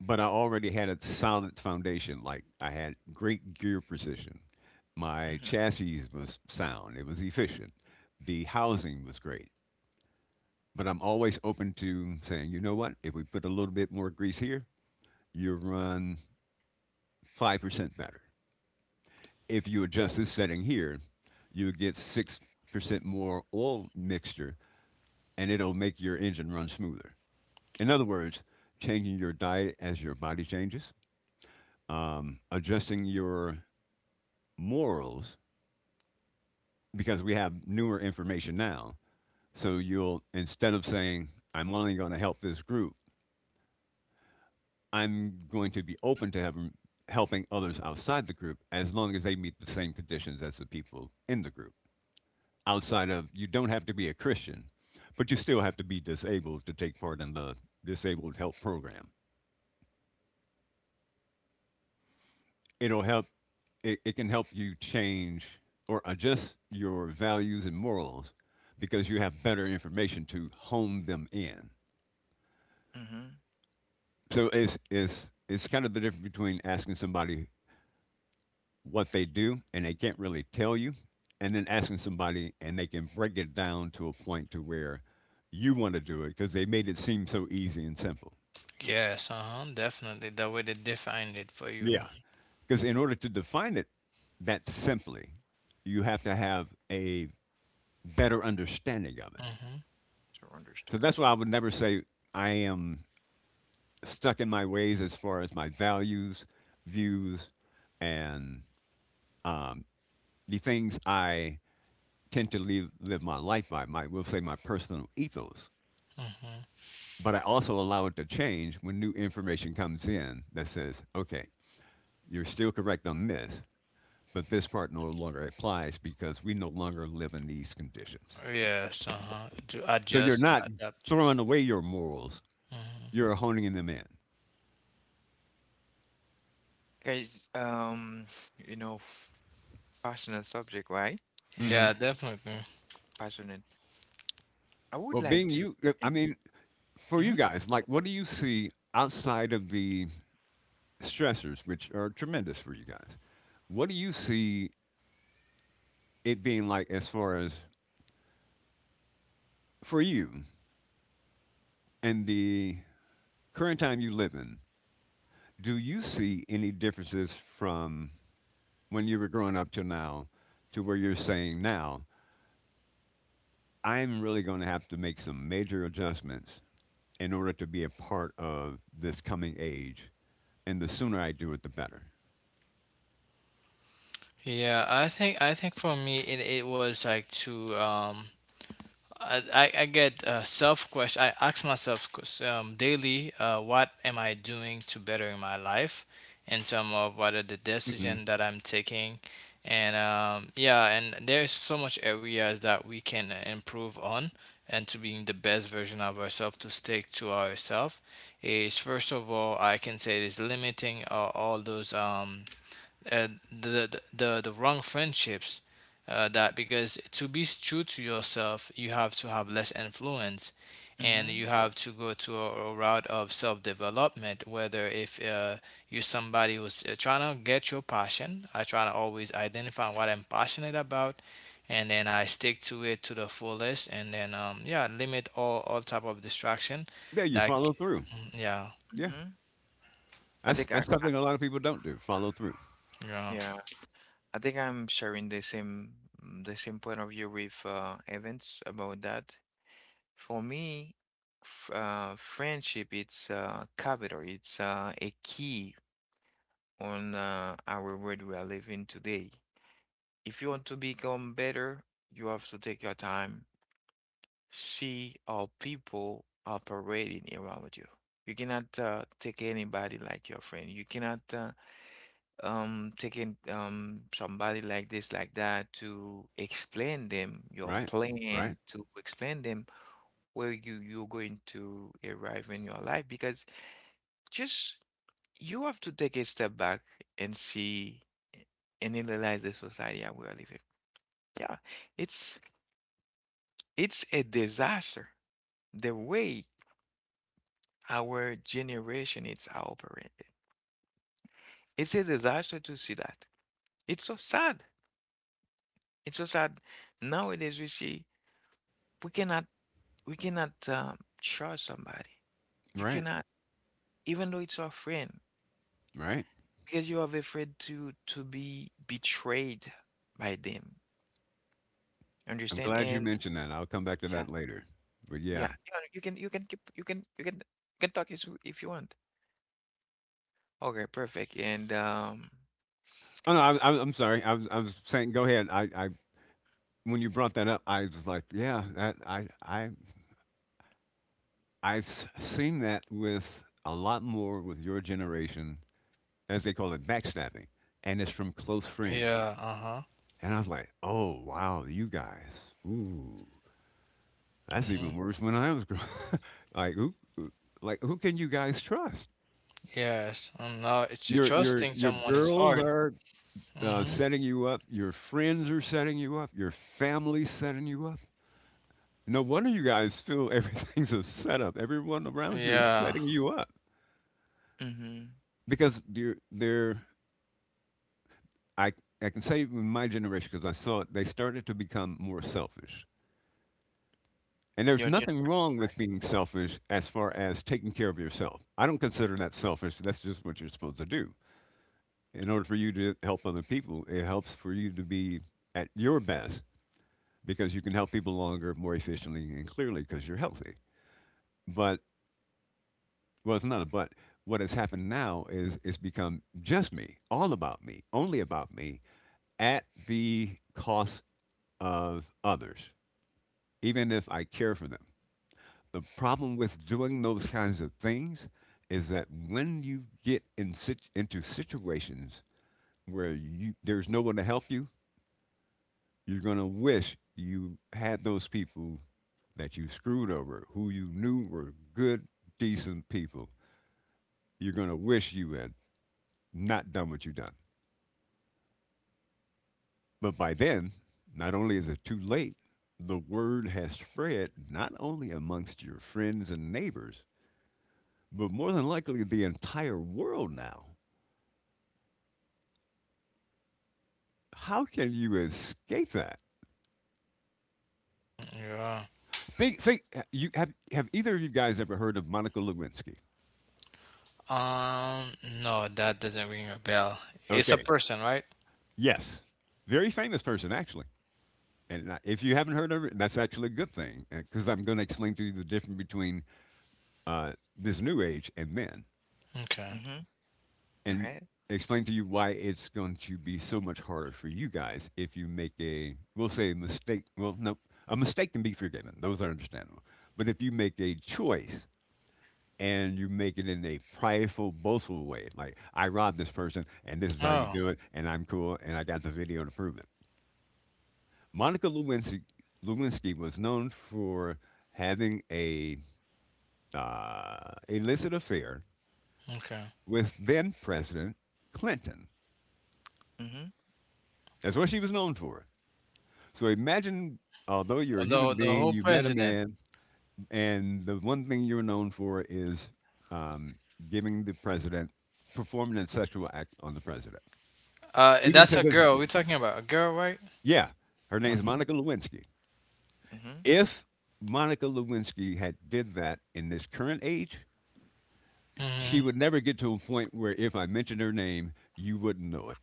Speaker 3: but I already had a solid foundation. Like I had great gear precision. My
Speaker 1: mhm,
Speaker 3: chassis was sound, it was efficient, the housing was great. But I'm always open to saying, you know what, if we put a little bit more grease here, you run 5% better. If you adjust this setting here, you get 6% more oil mixture and it'll make your engine run smoother. In other words, changing your diet as your body changes, adjusting your morals because we have newer information now. So you'll, instead of saying, I'm only going to help this group, I'm going to be open to having, helping others outside the group as long as they meet the same conditions as the people in the group. Outside of, you don't have to be a Christian, but you still have to be disabled to take part in the disabled health program. It'll help it, it can help you change or adjust your values and morals because you have better information to hone them in,
Speaker 1: mhm,
Speaker 3: so it's kind of the difference between asking somebody what they do and they can't really tell you, and then asking somebody and they can break it down to a point to where you want to do it because they made it seem so easy and simple.
Speaker 2: Yes. Uh huh. Definitely. The way they defined it for you.
Speaker 3: Yeah, because in order to define it that simply you have to have a better understanding of it.
Speaker 2: Mm-hmm.
Speaker 1: to
Speaker 3: So
Speaker 1: understand.
Speaker 3: that's why I would never say I am stuck in my ways as far as my values, views, and um, the things I live my life by, my, we'll say my personal ethos.
Speaker 2: Mm-hmm.
Speaker 3: But I also allow it to change when new information comes in that says, okay, you're still correct on this, but this part no longer applies because we no longer live in these conditions.
Speaker 2: Yes, uh-huh. To
Speaker 3: So you're
Speaker 2: adjust and
Speaker 3: not
Speaker 2: adapt.
Speaker 3: throwing away your morals,
Speaker 2: Mhm.
Speaker 3: you're honing them in.
Speaker 1: Guys, you know, passionate subject, right?
Speaker 2: Yeah, definitely.
Speaker 1: Passionate. I would
Speaker 3: Well,
Speaker 1: like
Speaker 3: being
Speaker 1: to.
Speaker 3: you,
Speaker 1: eh,
Speaker 3: I mean, for
Speaker 1: Mm-hmm,
Speaker 3: you guys, like, what do you see outside of the stressors, which are tremendous for you guys? What do you see it being like as far as for you and the current time you live in? Do you see any differences from when you were growing up to now, to where you're saying now, I'm really going to have to make some major adjustments in order to be a part of this coming age? And the sooner I do it, the better.
Speaker 2: Yeah, I think for me it was like to I get self question. I ask myself daily, what am I doing to better my life, in terms of what are the decision that I'm taking, and yeah, and there's so much areas that we can improve on, and to being the best version of ourselves to stick to ourselves is first of all I can say is limiting all those the wrong friendships that, because to be true to yourself you have to have less influence, and you
Speaker 1: mm-hmm,
Speaker 2: have to go to a route of self-development whether if you're somebody who's trying to get your passion. I try to always identify what I'm passionate about, and then I stick to it to the fullest, and then yeah, limit all type of distraction
Speaker 3: Yeah, you follow
Speaker 2: like
Speaker 3: through.
Speaker 2: mm, yeah
Speaker 3: Yeah,
Speaker 1: mm-hmm. I think
Speaker 3: that's
Speaker 1: I,
Speaker 3: something a lot of people don't do. Follow through.
Speaker 2: yeah
Speaker 1: yeah, I think I'm sharing the same point of view with Evans about that. For me, f friendship, it's capital. It's a key on our world we are living today. If you want to become better, you have to take your time. See how people operating around you. You cannot take anybody like your friend. You cannot take somebody like this, like that, to explain them your
Speaker 3: Right, right,
Speaker 1: plan, to explain them where you're going to arrive in your life. Because just you have to take a step back and see and analyze the society that we are living. Yeah, it's it's a disaster. The way our generation is operated. It's a disaster to see that. It's so sad. It's so sad. Nowadays we see we cannot we cannot trust somebody. You
Speaker 3: right,
Speaker 1: cannot, even though it's our friend,
Speaker 3: right.
Speaker 1: because you are afraid to be betrayed by them.
Speaker 3: I'm
Speaker 1: Understand?
Speaker 3: glad you
Speaker 1: And
Speaker 3: mentioned that. I'll come back to
Speaker 1: yeah,
Speaker 3: that later. But yeah.
Speaker 1: yeah. You know, you can keep, you can talk if you want. Okay, perfect. And
Speaker 3: Oh no, I'm sorry. I was saying, go ahead. I when you brought that up, I was like, yeah, that I I've seen that with a lot more with your generation, as they call it, backstabbing, and it's from close friends.
Speaker 2: yeah uh-huh
Speaker 3: And I was like, oh wow, you guys. Ooh. That's
Speaker 2: Mm-hmm.
Speaker 3: even worse when I was growing. Like who, like who can you guys trust?
Speaker 2: Yes, no, it's
Speaker 3: Your your
Speaker 2: trusting
Speaker 3: your
Speaker 2: someone is
Speaker 3: girls
Speaker 2: hard.
Speaker 3: are
Speaker 2: Mm-hmm.
Speaker 3: setting you up. Your friends are setting you up. Your family's setting you up. No wonder you guys feel everything's a setup. Everyone around you is
Speaker 2: Yeah,
Speaker 3: setting you up
Speaker 1: mm-hmm.
Speaker 3: because they're I I can say in my generation because I saw it, they started to become more selfish. And there's
Speaker 1: Your gen-
Speaker 3: nothing wrong with being selfish as far as taking care of yourself. I don't consider that selfish. That's just what you're supposed to do. In order for you to help other people, it helps for you to be at your best because you can help people longer, more efficiently, and clearly because you're healthy. But, well, it's not a but. What has happened now is it's become just me, all about me, only about me, at the cost of others, even if I care for them. The problem with doing those kinds of things is that when you get in into situations where you, there's no one to help you, you're going to wish you had those people that you screwed over, who you knew were good, decent people. You're going to wish you had not done what you done. But by then, not only is it too late, the word has spread not only amongst your friends and neighbors, but more than likely the entire world now. How can you escape that?
Speaker 2: yeah.
Speaker 3: Think, think. You have either of you guys ever heard of Monica Lewinsky?
Speaker 2: Um, no, that doesn't ring a bell. It's a
Speaker 3: Okay,
Speaker 2: person, right?
Speaker 3: yes, very famous person actually. And if you haven't heard of it, that's actually a good thing because I'm going to explain to you the difference between this new age and then,
Speaker 2: Okay.
Speaker 1: mm-hmm. Your
Speaker 3: and
Speaker 1: head.
Speaker 3: explain to you why it's going to be so much harder for you guys if you make a, we'll say, a mistake. Well, no, a mistake can be forgiven; those are understandable. But if you make a choice and you make it in a prideful, boastful way, like I robbed this person, and this is how you
Speaker 2: Oh,
Speaker 3: do it, and I'm cool, and I got the video to prove it. Monica Lewinsky, Lewinsky was known for having a illicit affair
Speaker 2: okay.
Speaker 3: with then President Clinton.
Speaker 1: Mm-hmm.
Speaker 3: That's what she was known for. So imagine, although you're a human
Speaker 2: The
Speaker 3: being,
Speaker 2: whole
Speaker 3: you met a
Speaker 2: president.
Speaker 3: man, and the one thing you're known for is um, giving the president, performing a sexual act on the president. Even
Speaker 2: That's
Speaker 3: to
Speaker 2: a
Speaker 3: this
Speaker 2: girl. We're
Speaker 3: day.
Speaker 2: talking about a girl, right?
Speaker 3: Yeah, her name is
Speaker 2: Okay.
Speaker 1: Mm-hmm.
Speaker 3: Monica Lewinsky.
Speaker 1: Mm-hmm.
Speaker 3: If Monica Lewinsky had did that in this current age, she
Speaker 2: Mm-hmm.
Speaker 3: would never get to a point where if I mentioned her name, you wouldn't know it.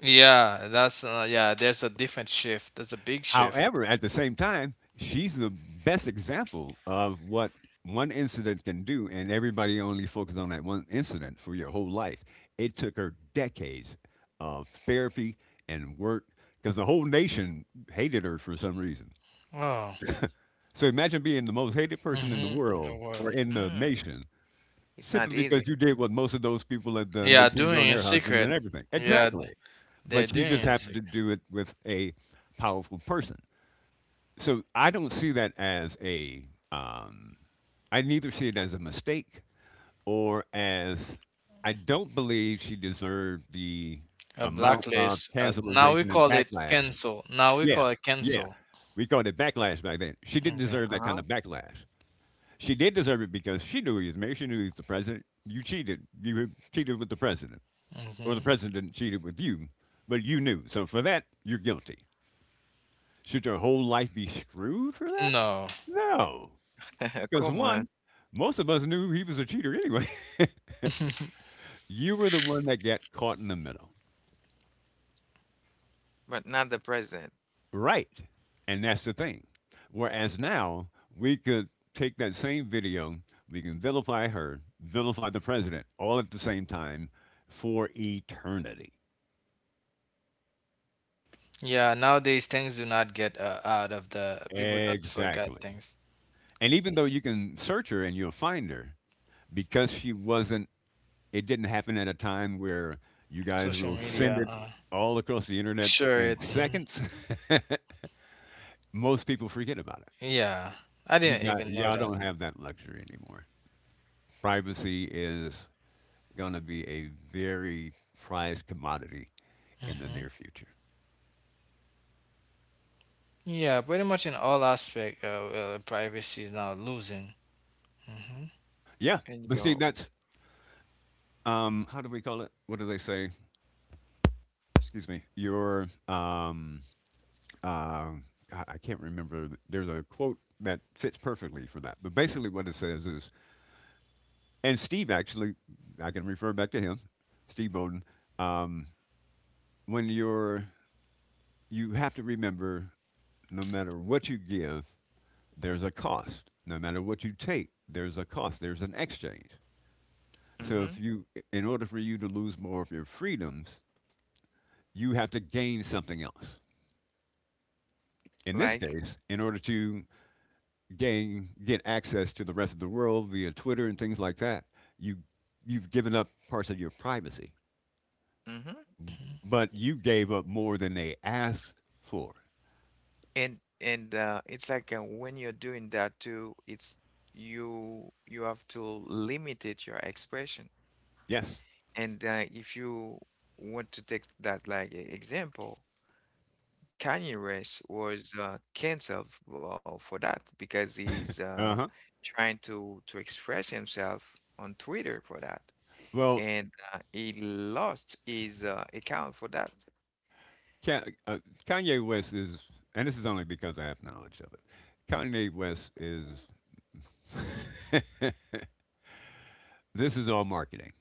Speaker 2: Yeah, that's yeah. There's a different shift. There's a big shift.
Speaker 3: However, at the same time, she's the best example of what one incident can do, and everybody only focuses on that one incident for your whole life. It took her decades of therapy and work because the whole nation hated her for some reason.
Speaker 2: Oh.
Speaker 3: So imagine being the most hated person in the
Speaker 2: Mm-hmm.
Speaker 3: world or
Speaker 2: Well.
Speaker 3: in the
Speaker 1: Mm.
Speaker 3: nation
Speaker 1: It's
Speaker 3: simply
Speaker 1: not
Speaker 3: because
Speaker 1: easy.
Speaker 3: you did what most of those people had done. They
Speaker 2: Yeah,
Speaker 3: cheated
Speaker 2: doing
Speaker 3: on
Speaker 2: it in
Speaker 3: their husbands
Speaker 2: secret.
Speaker 3: and everything.
Speaker 2: Yeah,
Speaker 3: Exactly.
Speaker 2: they're
Speaker 3: But she
Speaker 2: doing
Speaker 3: just
Speaker 2: it in
Speaker 3: happened to
Speaker 2: secret.
Speaker 3: do it with a powerful person. So I don't see that as a, um, I neither see it as a mistake or as, I don't believe she deserved the
Speaker 2: A
Speaker 3: amount of
Speaker 2: blacklist. Now we
Speaker 3: cancelization and
Speaker 2: call it
Speaker 3: backlash.
Speaker 2: cancel. Now we
Speaker 3: Yeah,
Speaker 2: call it
Speaker 3: yeah.
Speaker 2: cancel.
Speaker 3: We called it backlash back then. She didn't
Speaker 2: Okay.
Speaker 3: deserve that
Speaker 1: Uh-huh.
Speaker 3: kind of backlash. She did deserve it because she knew he was married. She knew he was the president. You cheated. You cheated with the president, or the
Speaker 2: Hmm.
Speaker 3: president cheated with you, but you knew. So for that, you're guilty. Should your whole life be screwed for that?
Speaker 2: No.
Speaker 3: No, because
Speaker 1: Come
Speaker 3: one,
Speaker 1: on,
Speaker 3: most of us knew he was a cheater anyway. You were the one that got caught in the middle,
Speaker 1: but not the president.
Speaker 3: right? And that's the thing. Whereas now we could take that same video, we can vilify her, vilify the president, all at the same time for eternity.
Speaker 2: Yeah. Nowadays things do not get out of the people don't forget
Speaker 3: Exactly.
Speaker 2: things.
Speaker 3: And even though you can search her and you'll find her because she wasn't, it didn't happen at a time where you guys
Speaker 2: Social
Speaker 3: will send
Speaker 2: media.
Speaker 3: it all across the internet
Speaker 2: Sure.
Speaker 3: in
Speaker 2: It. Mhm.
Speaker 3: seconds. Most people forget about it.
Speaker 2: Yeah. I
Speaker 3: You
Speaker 2: didn't
Speaker 3: got,
Speaker 2: even know
Speaker 3: y'all
Speaker 2: that.
Speaker 3: don't have that luxury anymore. Privacy is going to be a very prized commodity in the near
Speaker 2: Hmm.
Speaker 3: future.
Speaker 2: Yeah. Pretty much in all aspect, privacy is now losing. Hmm.
Speaker 3: Yeah,
Speaker 1: And
Speaker 3: but Steve,
Speaker 1: you're
Speaker 3: that's how do we call it? What do they say? Excuse me. Your uh, I can't remember. There's a quote that fits perfectly for that. But basically, what it says is, and Steve, actually, I can refer back to him, Steve Bowden. Um, when you're, you have to remember, no matter what you give, there's a cost. No matter what you take, there's a cost. There's an exchange. So if
Speaker 1: Mm-hmm.
Speaker 3: you, in order for you to lose more of your freedoms, you have to gain something else. In this
Speaker 1: Like,
Speaker 3: case, in order to gain get access to the rest of the world via Twitter and things like that, you you've given up parts of your privacy,
Speaker 1: mm-hmm.
Speaker 3: but you gave up more than they asked for.
Speaker 1: And it's like when you're doing that too, it's you you have to limit it your expression.
Speaker 3: Yes.
Speaker 1: And if you want to take that like a example, Kanye West was canceled for that because he's
Speaker 3: Uh huh.
Speaker 1: trying to express himself on Twitter for that.
Speaker 3: Well,
Speaker 1: And he lost his account for that.
Speaker 3: Ka- uh, Kanye West is, and this is only because I have knowledge of it. Kanye West is, this is all marketing.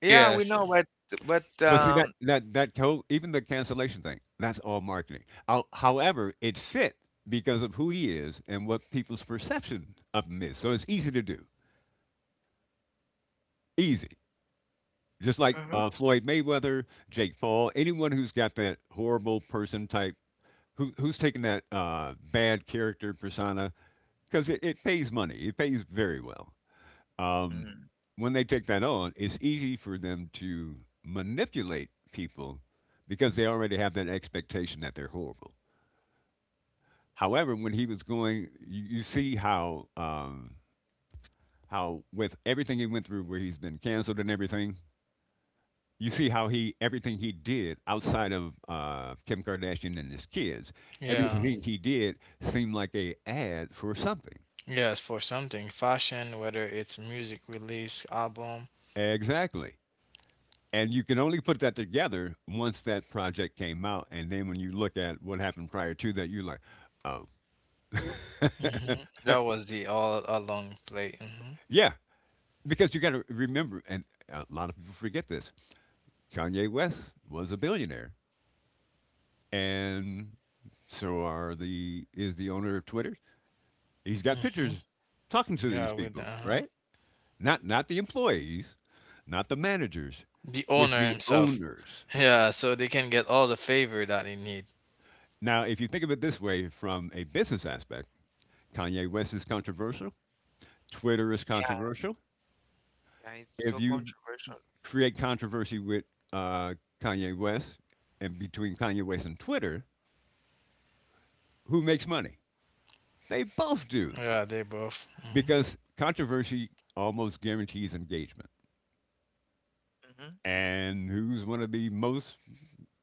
Speaker 1: Yeah, we
Speaker 2: Yes. Yeah.
Speaker 1: know, but but
Speaker 3: But see,
Speaker 1: um,
Speaker 3: even the cancellation thing, that's all marketing. How- however, it fit because of who he is and what people's perception of him is. So it's easy to do. Easy. Just like
Speaker 1: Mhm.
Speaker 3: Floyd Mayweather, Jake Paul, anyone who's got that horrible person type, who's taking that bad character persona? Because it pays money. It pays very well. Um,
Speaker 1: mm,
Speaker 3: when they take that on, it's easy for them to manipulate people because they already have that expectation that they're horrible. However, when he was going, you see how with everything he went through, where he's been canceled and everything, you see how he everything he did outside of Kim Kardashian and his kids,
Speaker 2: Yeah.
Speaker 3: everything he did seemed like a ad for something.
Speaker 2: Yes. For something, fashion, whether it's music release, album,
Speaker 3: Exactly. And you can only put that together once that project came out, and then when you look at what happened prior to that, you're like, oh.
Speaker 2: hmm That was the all along play. Hmm.
Speaker 3: Yeah, because you got to remember, and a lot of people forget this: Kanye West was a billionaire, and so are the is the owner of Twitter. He's got
Speaker 2: Hmm.
Speaker 3: pictures talking to
Speaker 2: Yeah,
Speaker 3: these
Speaker 2: with the,
Speaker 3: people,
Speaker 2: uh-huh.
Speaker 3: right? Not the employees, not the managers,
Speaker 2: The
Speaker 3: with
Speaker 2: owner
Speaker 3: the
Speaker 2: himself.
Speaker 3: owners.
Speaker 2: Yeah, so they can get all the favor that they need.
Speaker 3: Now, if you think of it this way from a business aspect, Kanye West is controversial. Twitter is
Speaker 1: yeah,
Speaker 3: controversial.
Speaker 1: yeah, it's
Speaker 3: If
Speaker 1: so
Speaker 3: you
Speaker 1: controversial.
Speaker 3: create controversy with uh, Kanye West, and between Kanye West and Twitter, who makes money? They both do
Speaker 2: Yeah, they both. Hmm.
Speaker 3: because controversy almost guarantees engagement.
Speaker 1: Hmm.
Speaker 3: And who's one of the most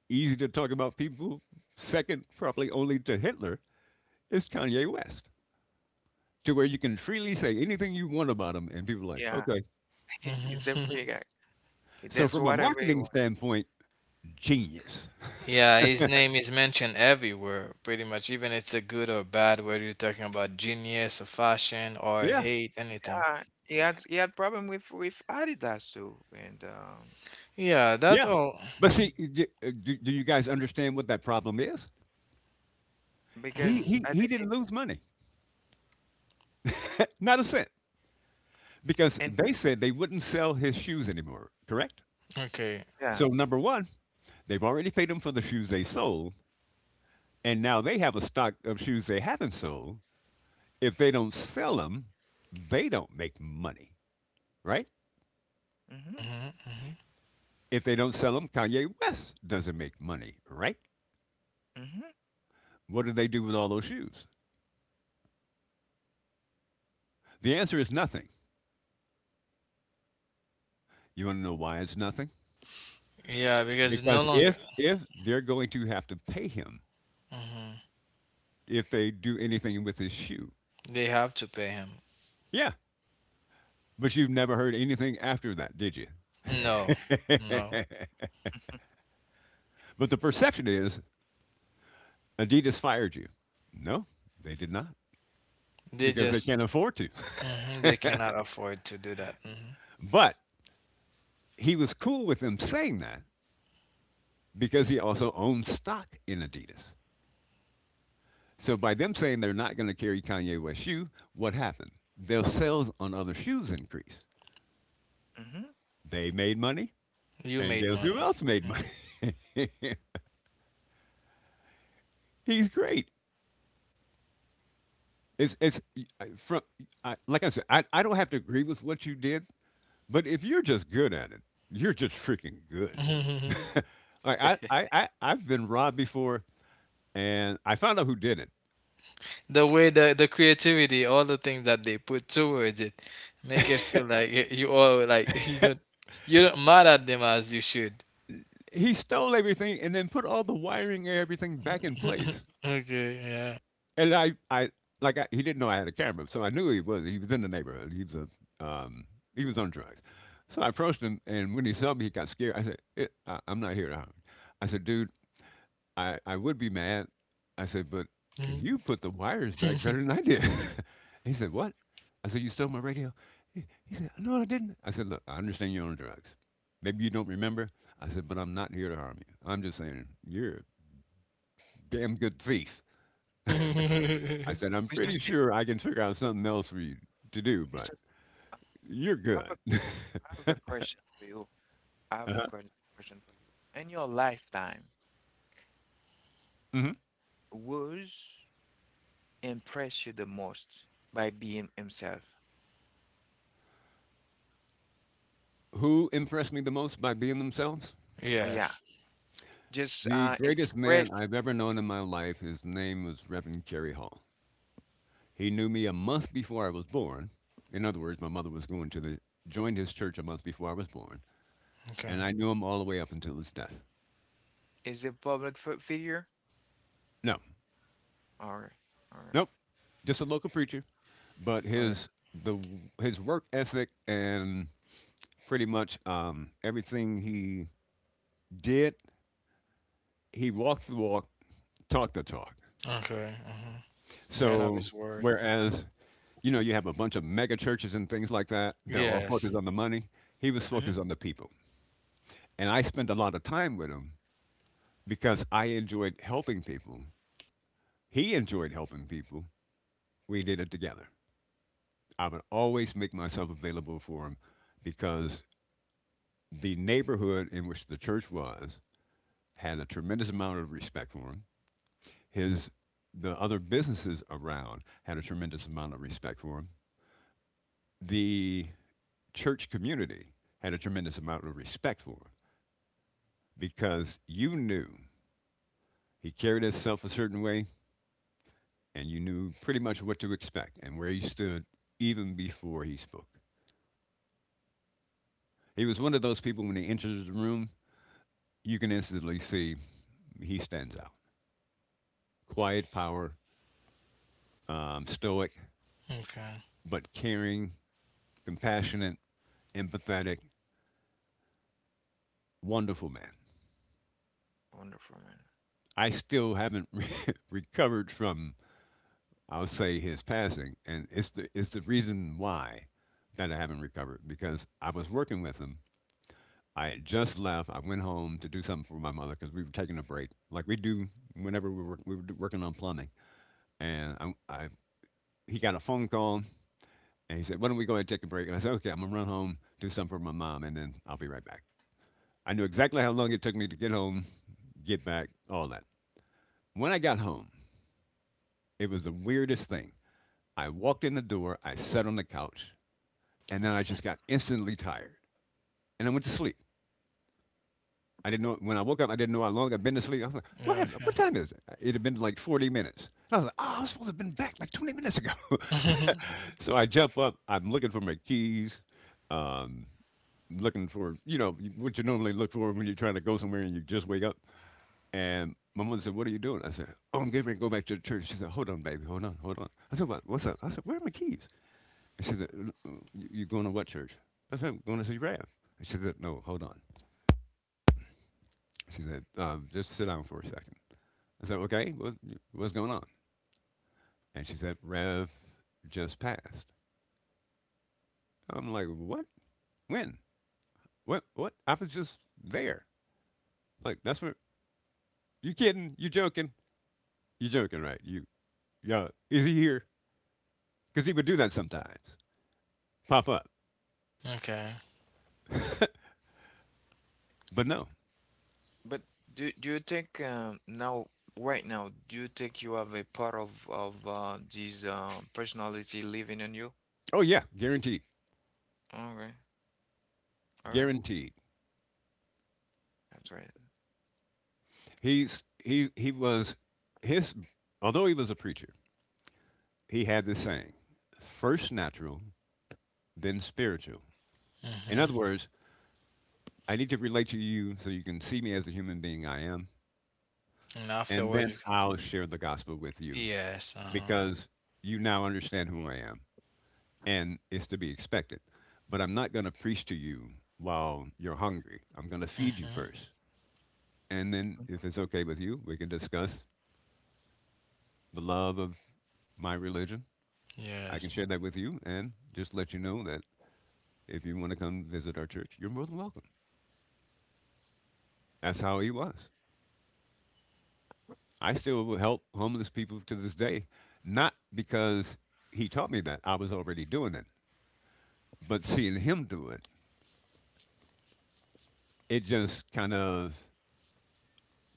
Speaker 3: easy to talk about people? Second, probably only to Hitler, it's Kanye West, to where you can freely say anything you want about him, and people are like,
Speaker 1: Yeah,
Speaker 3: okay.
Speaker 1: it's a free guy. He
Speaker 3: So
Speaker 1: does
Speaker 3: from a
Speaker 1: whatever he
Speaker 3: marketing
Speaker 1: wants.
Speaker 3: standpoint, genius.
Speaker 2: yeah, his name is mentioned everywhere, pretty much, even it's a good or bad, whether you're talking about genius or fashion or
Speaker 3: Yeah,
Speaker 2: hate, anything.
Speaker 1: Yeah, he had problem with Adidas too, and
Speaker 2: Yeah, that's
Speaker 3: yeah.
Speaker 2: all.
Speaker 3: But
Speaker 2: Mhm,
Speaker 3: see, do you guys understand what that problem is? He
Speaker 2: mm
Speaker 1: because
Speaker 3: he
Speaker 1: I
Speaker 3: he
Speaker 1: think
Speaker 3: didn't lose
Speaker 1: it's
Speaker 3: money, not a cent, because
Speaker 1: and
Speaker 3: they
Speaker 1: people,
Speaker 3: said they wouldn't sell his shoes anymore. Correct.
Speaker 2: Okay.
Speaker 1: yeah.
Speaker 3: So number one, they've already paid him for the shoes they sold, and now they have a stock of shoes they haven't sold. If they don't sell them, they don't make money, right?
Speaker 1: Hmm,
Speaker 2: Hmm. Hmm.
Speaker 3: If they don't sell them, Kanye West doesn't make money, right?
Speaker 1: hmm,
Speaker 3: What do they do with all those shoes? The answer is nothing. You want to know why it's nothing?
Speaker 2: Yeah, because it's no
Speaker 3: Because
Speaker 2: longer.
Speaker 3: if they're going to have to pay him
Speaker 2: Hmm.
Speaker 3: if they do anything with his shoe.
Speaker 2: They have to pay him.
Speaker 3: Yeah. But you've never heard anything after that, did you?
Speaker 2: No, no.
Speaker 3: But the perception is Adidas fired you. No, they did not,
Speaker 2: They
Speaker 3: because they
Speaker 2: just
Speaker 3: can't afford to.
Speaker 2: mhm, they cannot afford to do that. Mhm.
Speaker 3: But he was cool with them saying that because he also owned stock in Adidas. So by them saying they're not going to carry Kanye West shoe, what happened? Their sales on other shoes increased.
Speaker 1: hmm. Mr.
Speaker 3: They made money,
Speaker 2: You
Speaker 3: and
Speaker 2: made
Speaker 3: guess who
Speaker 2: money.
Speaker 3: else made money?
Speaker 2: Mhm.
Speaker 3: He's great. It's I- from I, like I said, I don't have to agree with what you did, but if you're just good at it, you're just freaking good. I've been robbed before, and I found out who did it.
Speaker 2: The way the creativity, all the things that they put towards it, make it feel like y- you all like you don't mad at them as you should.
Speaker 3: He stole everything and then put all the wiring and everything back in place.
Speaker 2: Okay, yeah.
Speaker 3: And I like I, he didn't know I had a camera, so I knew he was in the neighborhood. He was a he was on drugs. So I approached him, and when he saw me, he got scared. I said, "Eh, I, I'm not here to harm you." I said, "Dude, I would be mad." I said, "But you put the wires back better than I did." He said, "What?" I said, "You stole my radio." He said, "No, I didn't." I said, "Look, I understand you're on drugs. Maybe you don't remember." I said, "But I'm not here to harm you. I'm just saying you're a damn good thief." I
Speaker 2: Mhm.
Speaker 3: said, I'm pretty
Speaker 1: Steve,
Speaker 3: sure I can figure out something else for you to do,
Speaker 1: Mr.
Speaker 3: but
Speaker 1: Steve,
Speaker 3: you're
Speaker 1: I have
Speaker 3: good.
Speaker 1: a question for you. I have a
Speaker 3: Uh-huh.
Speaker 1: ques- question for you. In your lifetime,
Speaker 3: Hmm.
Speaker 1: was impress you the most by being himself?
Speaker 3: Who impressed me the most by being themselves?
Speaker 1: Yeah,
Speaker 2: Yes.
Speaker 1: just
Speaker 3: The greatest man
Speaker 1: express
Speaker 3: I've ever known in my life, his name was Reverend Jerry Hall. He knew me a month before I was born. In other words, my mother was going to the joined his church a month before I was born,
Speaker 2: Okay.
Speaker 3: and I knew him all the way up until his death.
Speaker 1: is a public figure.
Speaker 3: No,
Speaker 1: All right, all right,
Speaker 3: nope, just a local preacher, but
Speaker 1: or,
Speaker 3: the his work ethic and pretty much everything he did, he walked the walk, talked the talk.
Speaker 2: Okay. Mhm. Man of
Speaker 3: So
Speaker 2: his word.
Speaker 3: whereas, you know, you have a bunch of mega churches and things like that, they're all focused
Speaker 2: Yes.
Speaker 3: on the money. He was
Speaker 1: Mhm.
Speaker 3: focused on the people, and I spent a lot of time with him because I enjoyed helping people. He enjoyed helping people. We did it together. I would always make myself available for him because the neighborhood in which the church was had a tremendous amount of respect for him, his the other businesses around had a tremendous amount of respect for him. The church community had a tremendous amount of respect for him because you knew he carried himself a certain way, and you knew pretty much what to expect and where he stood even before he spoke. He was one of those people when he enters the room, you can instantly see he stands out. Quiet power, stoic,
Speaker 2: Okay.
Speaker 3: but caring, compassionate, empathetic, wonderful man.
Speaker 1: Wonderful man.
Speaker 3: I still haven't recovered from, I'll say, his passing, and it's the reason why that I haven't recovered because I was working with him. I had just left. I went home to do something for my mother because we were taking a break, like we do whenever we were working on plumbing. And I he got a phone call and he said, "Why don't we go ahead and take a break?" And I said, "Okay, I'm gonna run home, do something for my mom, and then I'll be right back." I knew exactly how long it took me to get home, get back, all that. When I got home, it was the weirdest thing. I walked in the door, I sat on the couch, and then I just got instantly tired. And I went to sleep. I didn't know when I woke up, I didn't know how long I'd been to sleep. I was like, what
Speaker 2: Yeah,
Speaker 3: happened?
Speaker 2: Okay.
Speaker 3: What time is it? It had been like 40 minutes. And I was like, oh, I was supposed to have been back like 20 minutes ago. So I jump up, I'm looking for my keys. Um, Looking for what you normally look for when you're trying to go somewhere and you just wake up. And my mother said, "What are you doing?" I said, "Oh, I'm getting ready to go back to the church." She said, "Hold on, baby, hold on, hold on." I said, "what, What's up? I said, Where are my keys?" She said, "You going to what church?" I said, "I'm Going to see Rev." She said, "No, hold on." She said, "Just sit down for a second." I said, "Okay, what, what's going on?" And she said, "Rev just passed." I'm like, "What? When? What? What? I was just there. Like that's what you kidding? You joking? You joking, right? You yeah? Is he here?" Because he would do that sometimes, pop up.
Speaker 2: okay.
Speaker 3: But no.
Speaker 1: But do you think now, right now, do you think you have a part of this personality living in you?
Speaker 3: Oh yeah, guaranteed,
Speaker 1: Okay, okay,
Speaker 3: guaranteed.
Speaker 1: that's right.
Speaker 3: He was his, although he was a preacher, he had this saying: first natural, then spiritual. In other
Speaker 2: Hmm.
Speaker 3: words, I need to relate to you so you can see me as the human being I am,
Speaker 2: And
Speaker 3: and
Speaker 2: afterwards,
Speaker 3: then
Speaker 2: you can.
Speaker 3: I'll share the gospel with you
Speaker 2: Yes, uh-huh.
Speaker 3: because you now understand who I am, and it's to be expected. But I'm not going to preach to you while you're hungry. I'm going to feed you
Speaker 2: Hmm.
Speaker 3: first. And then, if it's okay with you, we can discuss the love of my religion. I
Speaker 2: Yes.
Speaker 3: can share that with you and just let you know that if you want to come visit our church, you're more than welcome. That's how he was. I still will help homeless people to this day, not because he taught me that I was already doing it, but seeing him do it, it just kind of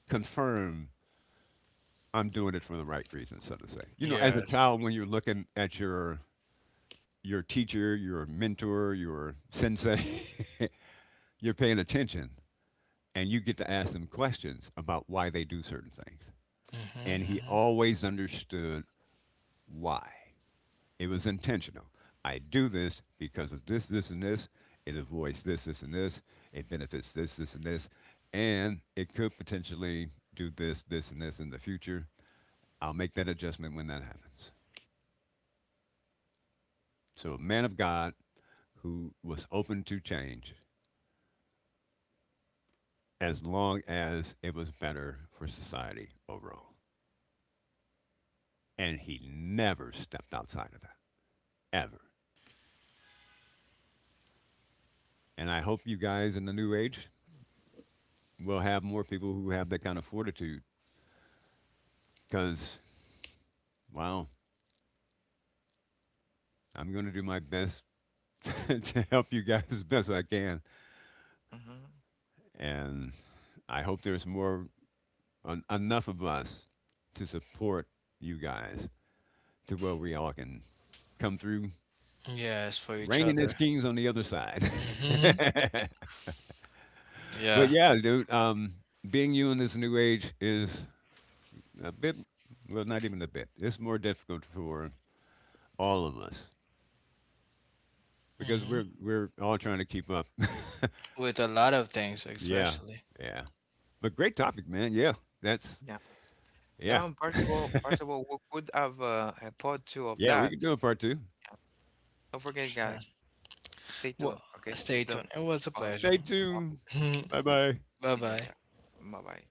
Speaker 3: confirmed I'm doing it for the right reasons, so to say. You know, as a
Speaker 2: Yes.
Speaker 3: child, when you're looking at your teacher, your mentor, your sensei, you're paying attention, and you get to ask them questions about why they do certain things.
Speaker 2: Hmm.
Speaker 3: And he
Speaker 2: Hmm.
Speaker 3: always understood why. It was intentional. I do this because of this, this, and this. It avoids this, this, and this. It benefits this, this, and this. And it could potentially do this, this, and this in the future. I'll make that adjustment when that happens. So, a man of God who was open to change as long as it was better for society overall. And he never stepped outside of that, ever. And I hope you guys in the new age will have more people who have that kind of fortitude because, wow, I'm going to do my best to help you guys as best I can.
Speaker 1: Mm-hmm.
Speaker 3: And I hope there's more enough of us to support you guys to where we all can come through
Speaker 2: Yes, for each
Speaker 3: reigning
Speaker 2: other.
Speaker 3: as kings on the other side.
Speaker 2: Hmm. Yeah.
Speaker 3: But yeah, dude, being you in this new age is a bit, well, not even a bit. It's more difficult for all of us because
Speaker 2: Hmm.
Speaker 3: we're all trying to keep up.
Speaker 2: With a lot of things,
Speaker 3: Yeah,
Speaker 2: especially.
Speaker 3: yeah. But great topic, man. Yeah, that's
Speaker 1: Yeah.
Speaker 3: yeah.
Speaker 1: Now, first of all, we could have a part two of
Speaker 3: Yeah, we
Speaker 1: that.
Speaker 3: could do a part 2.
Speaker 1: Yeah. Don't forget, guys. Stay
Speaker 2: Well,
Speaker 1: tuned, okay? This
Speaker 2: stay
Speaker 1: is the
Speaker 2: tuned. It was a
Speaker 1: part
Speaker 2: pleasure.
Speaker 3: Stay
Speaker 1: of
Speaker 3: tuned. Bye-bye.
Speaker 1: in
Speaker 2: Bye-bye.
Speaker 1: yourself. Bye bye.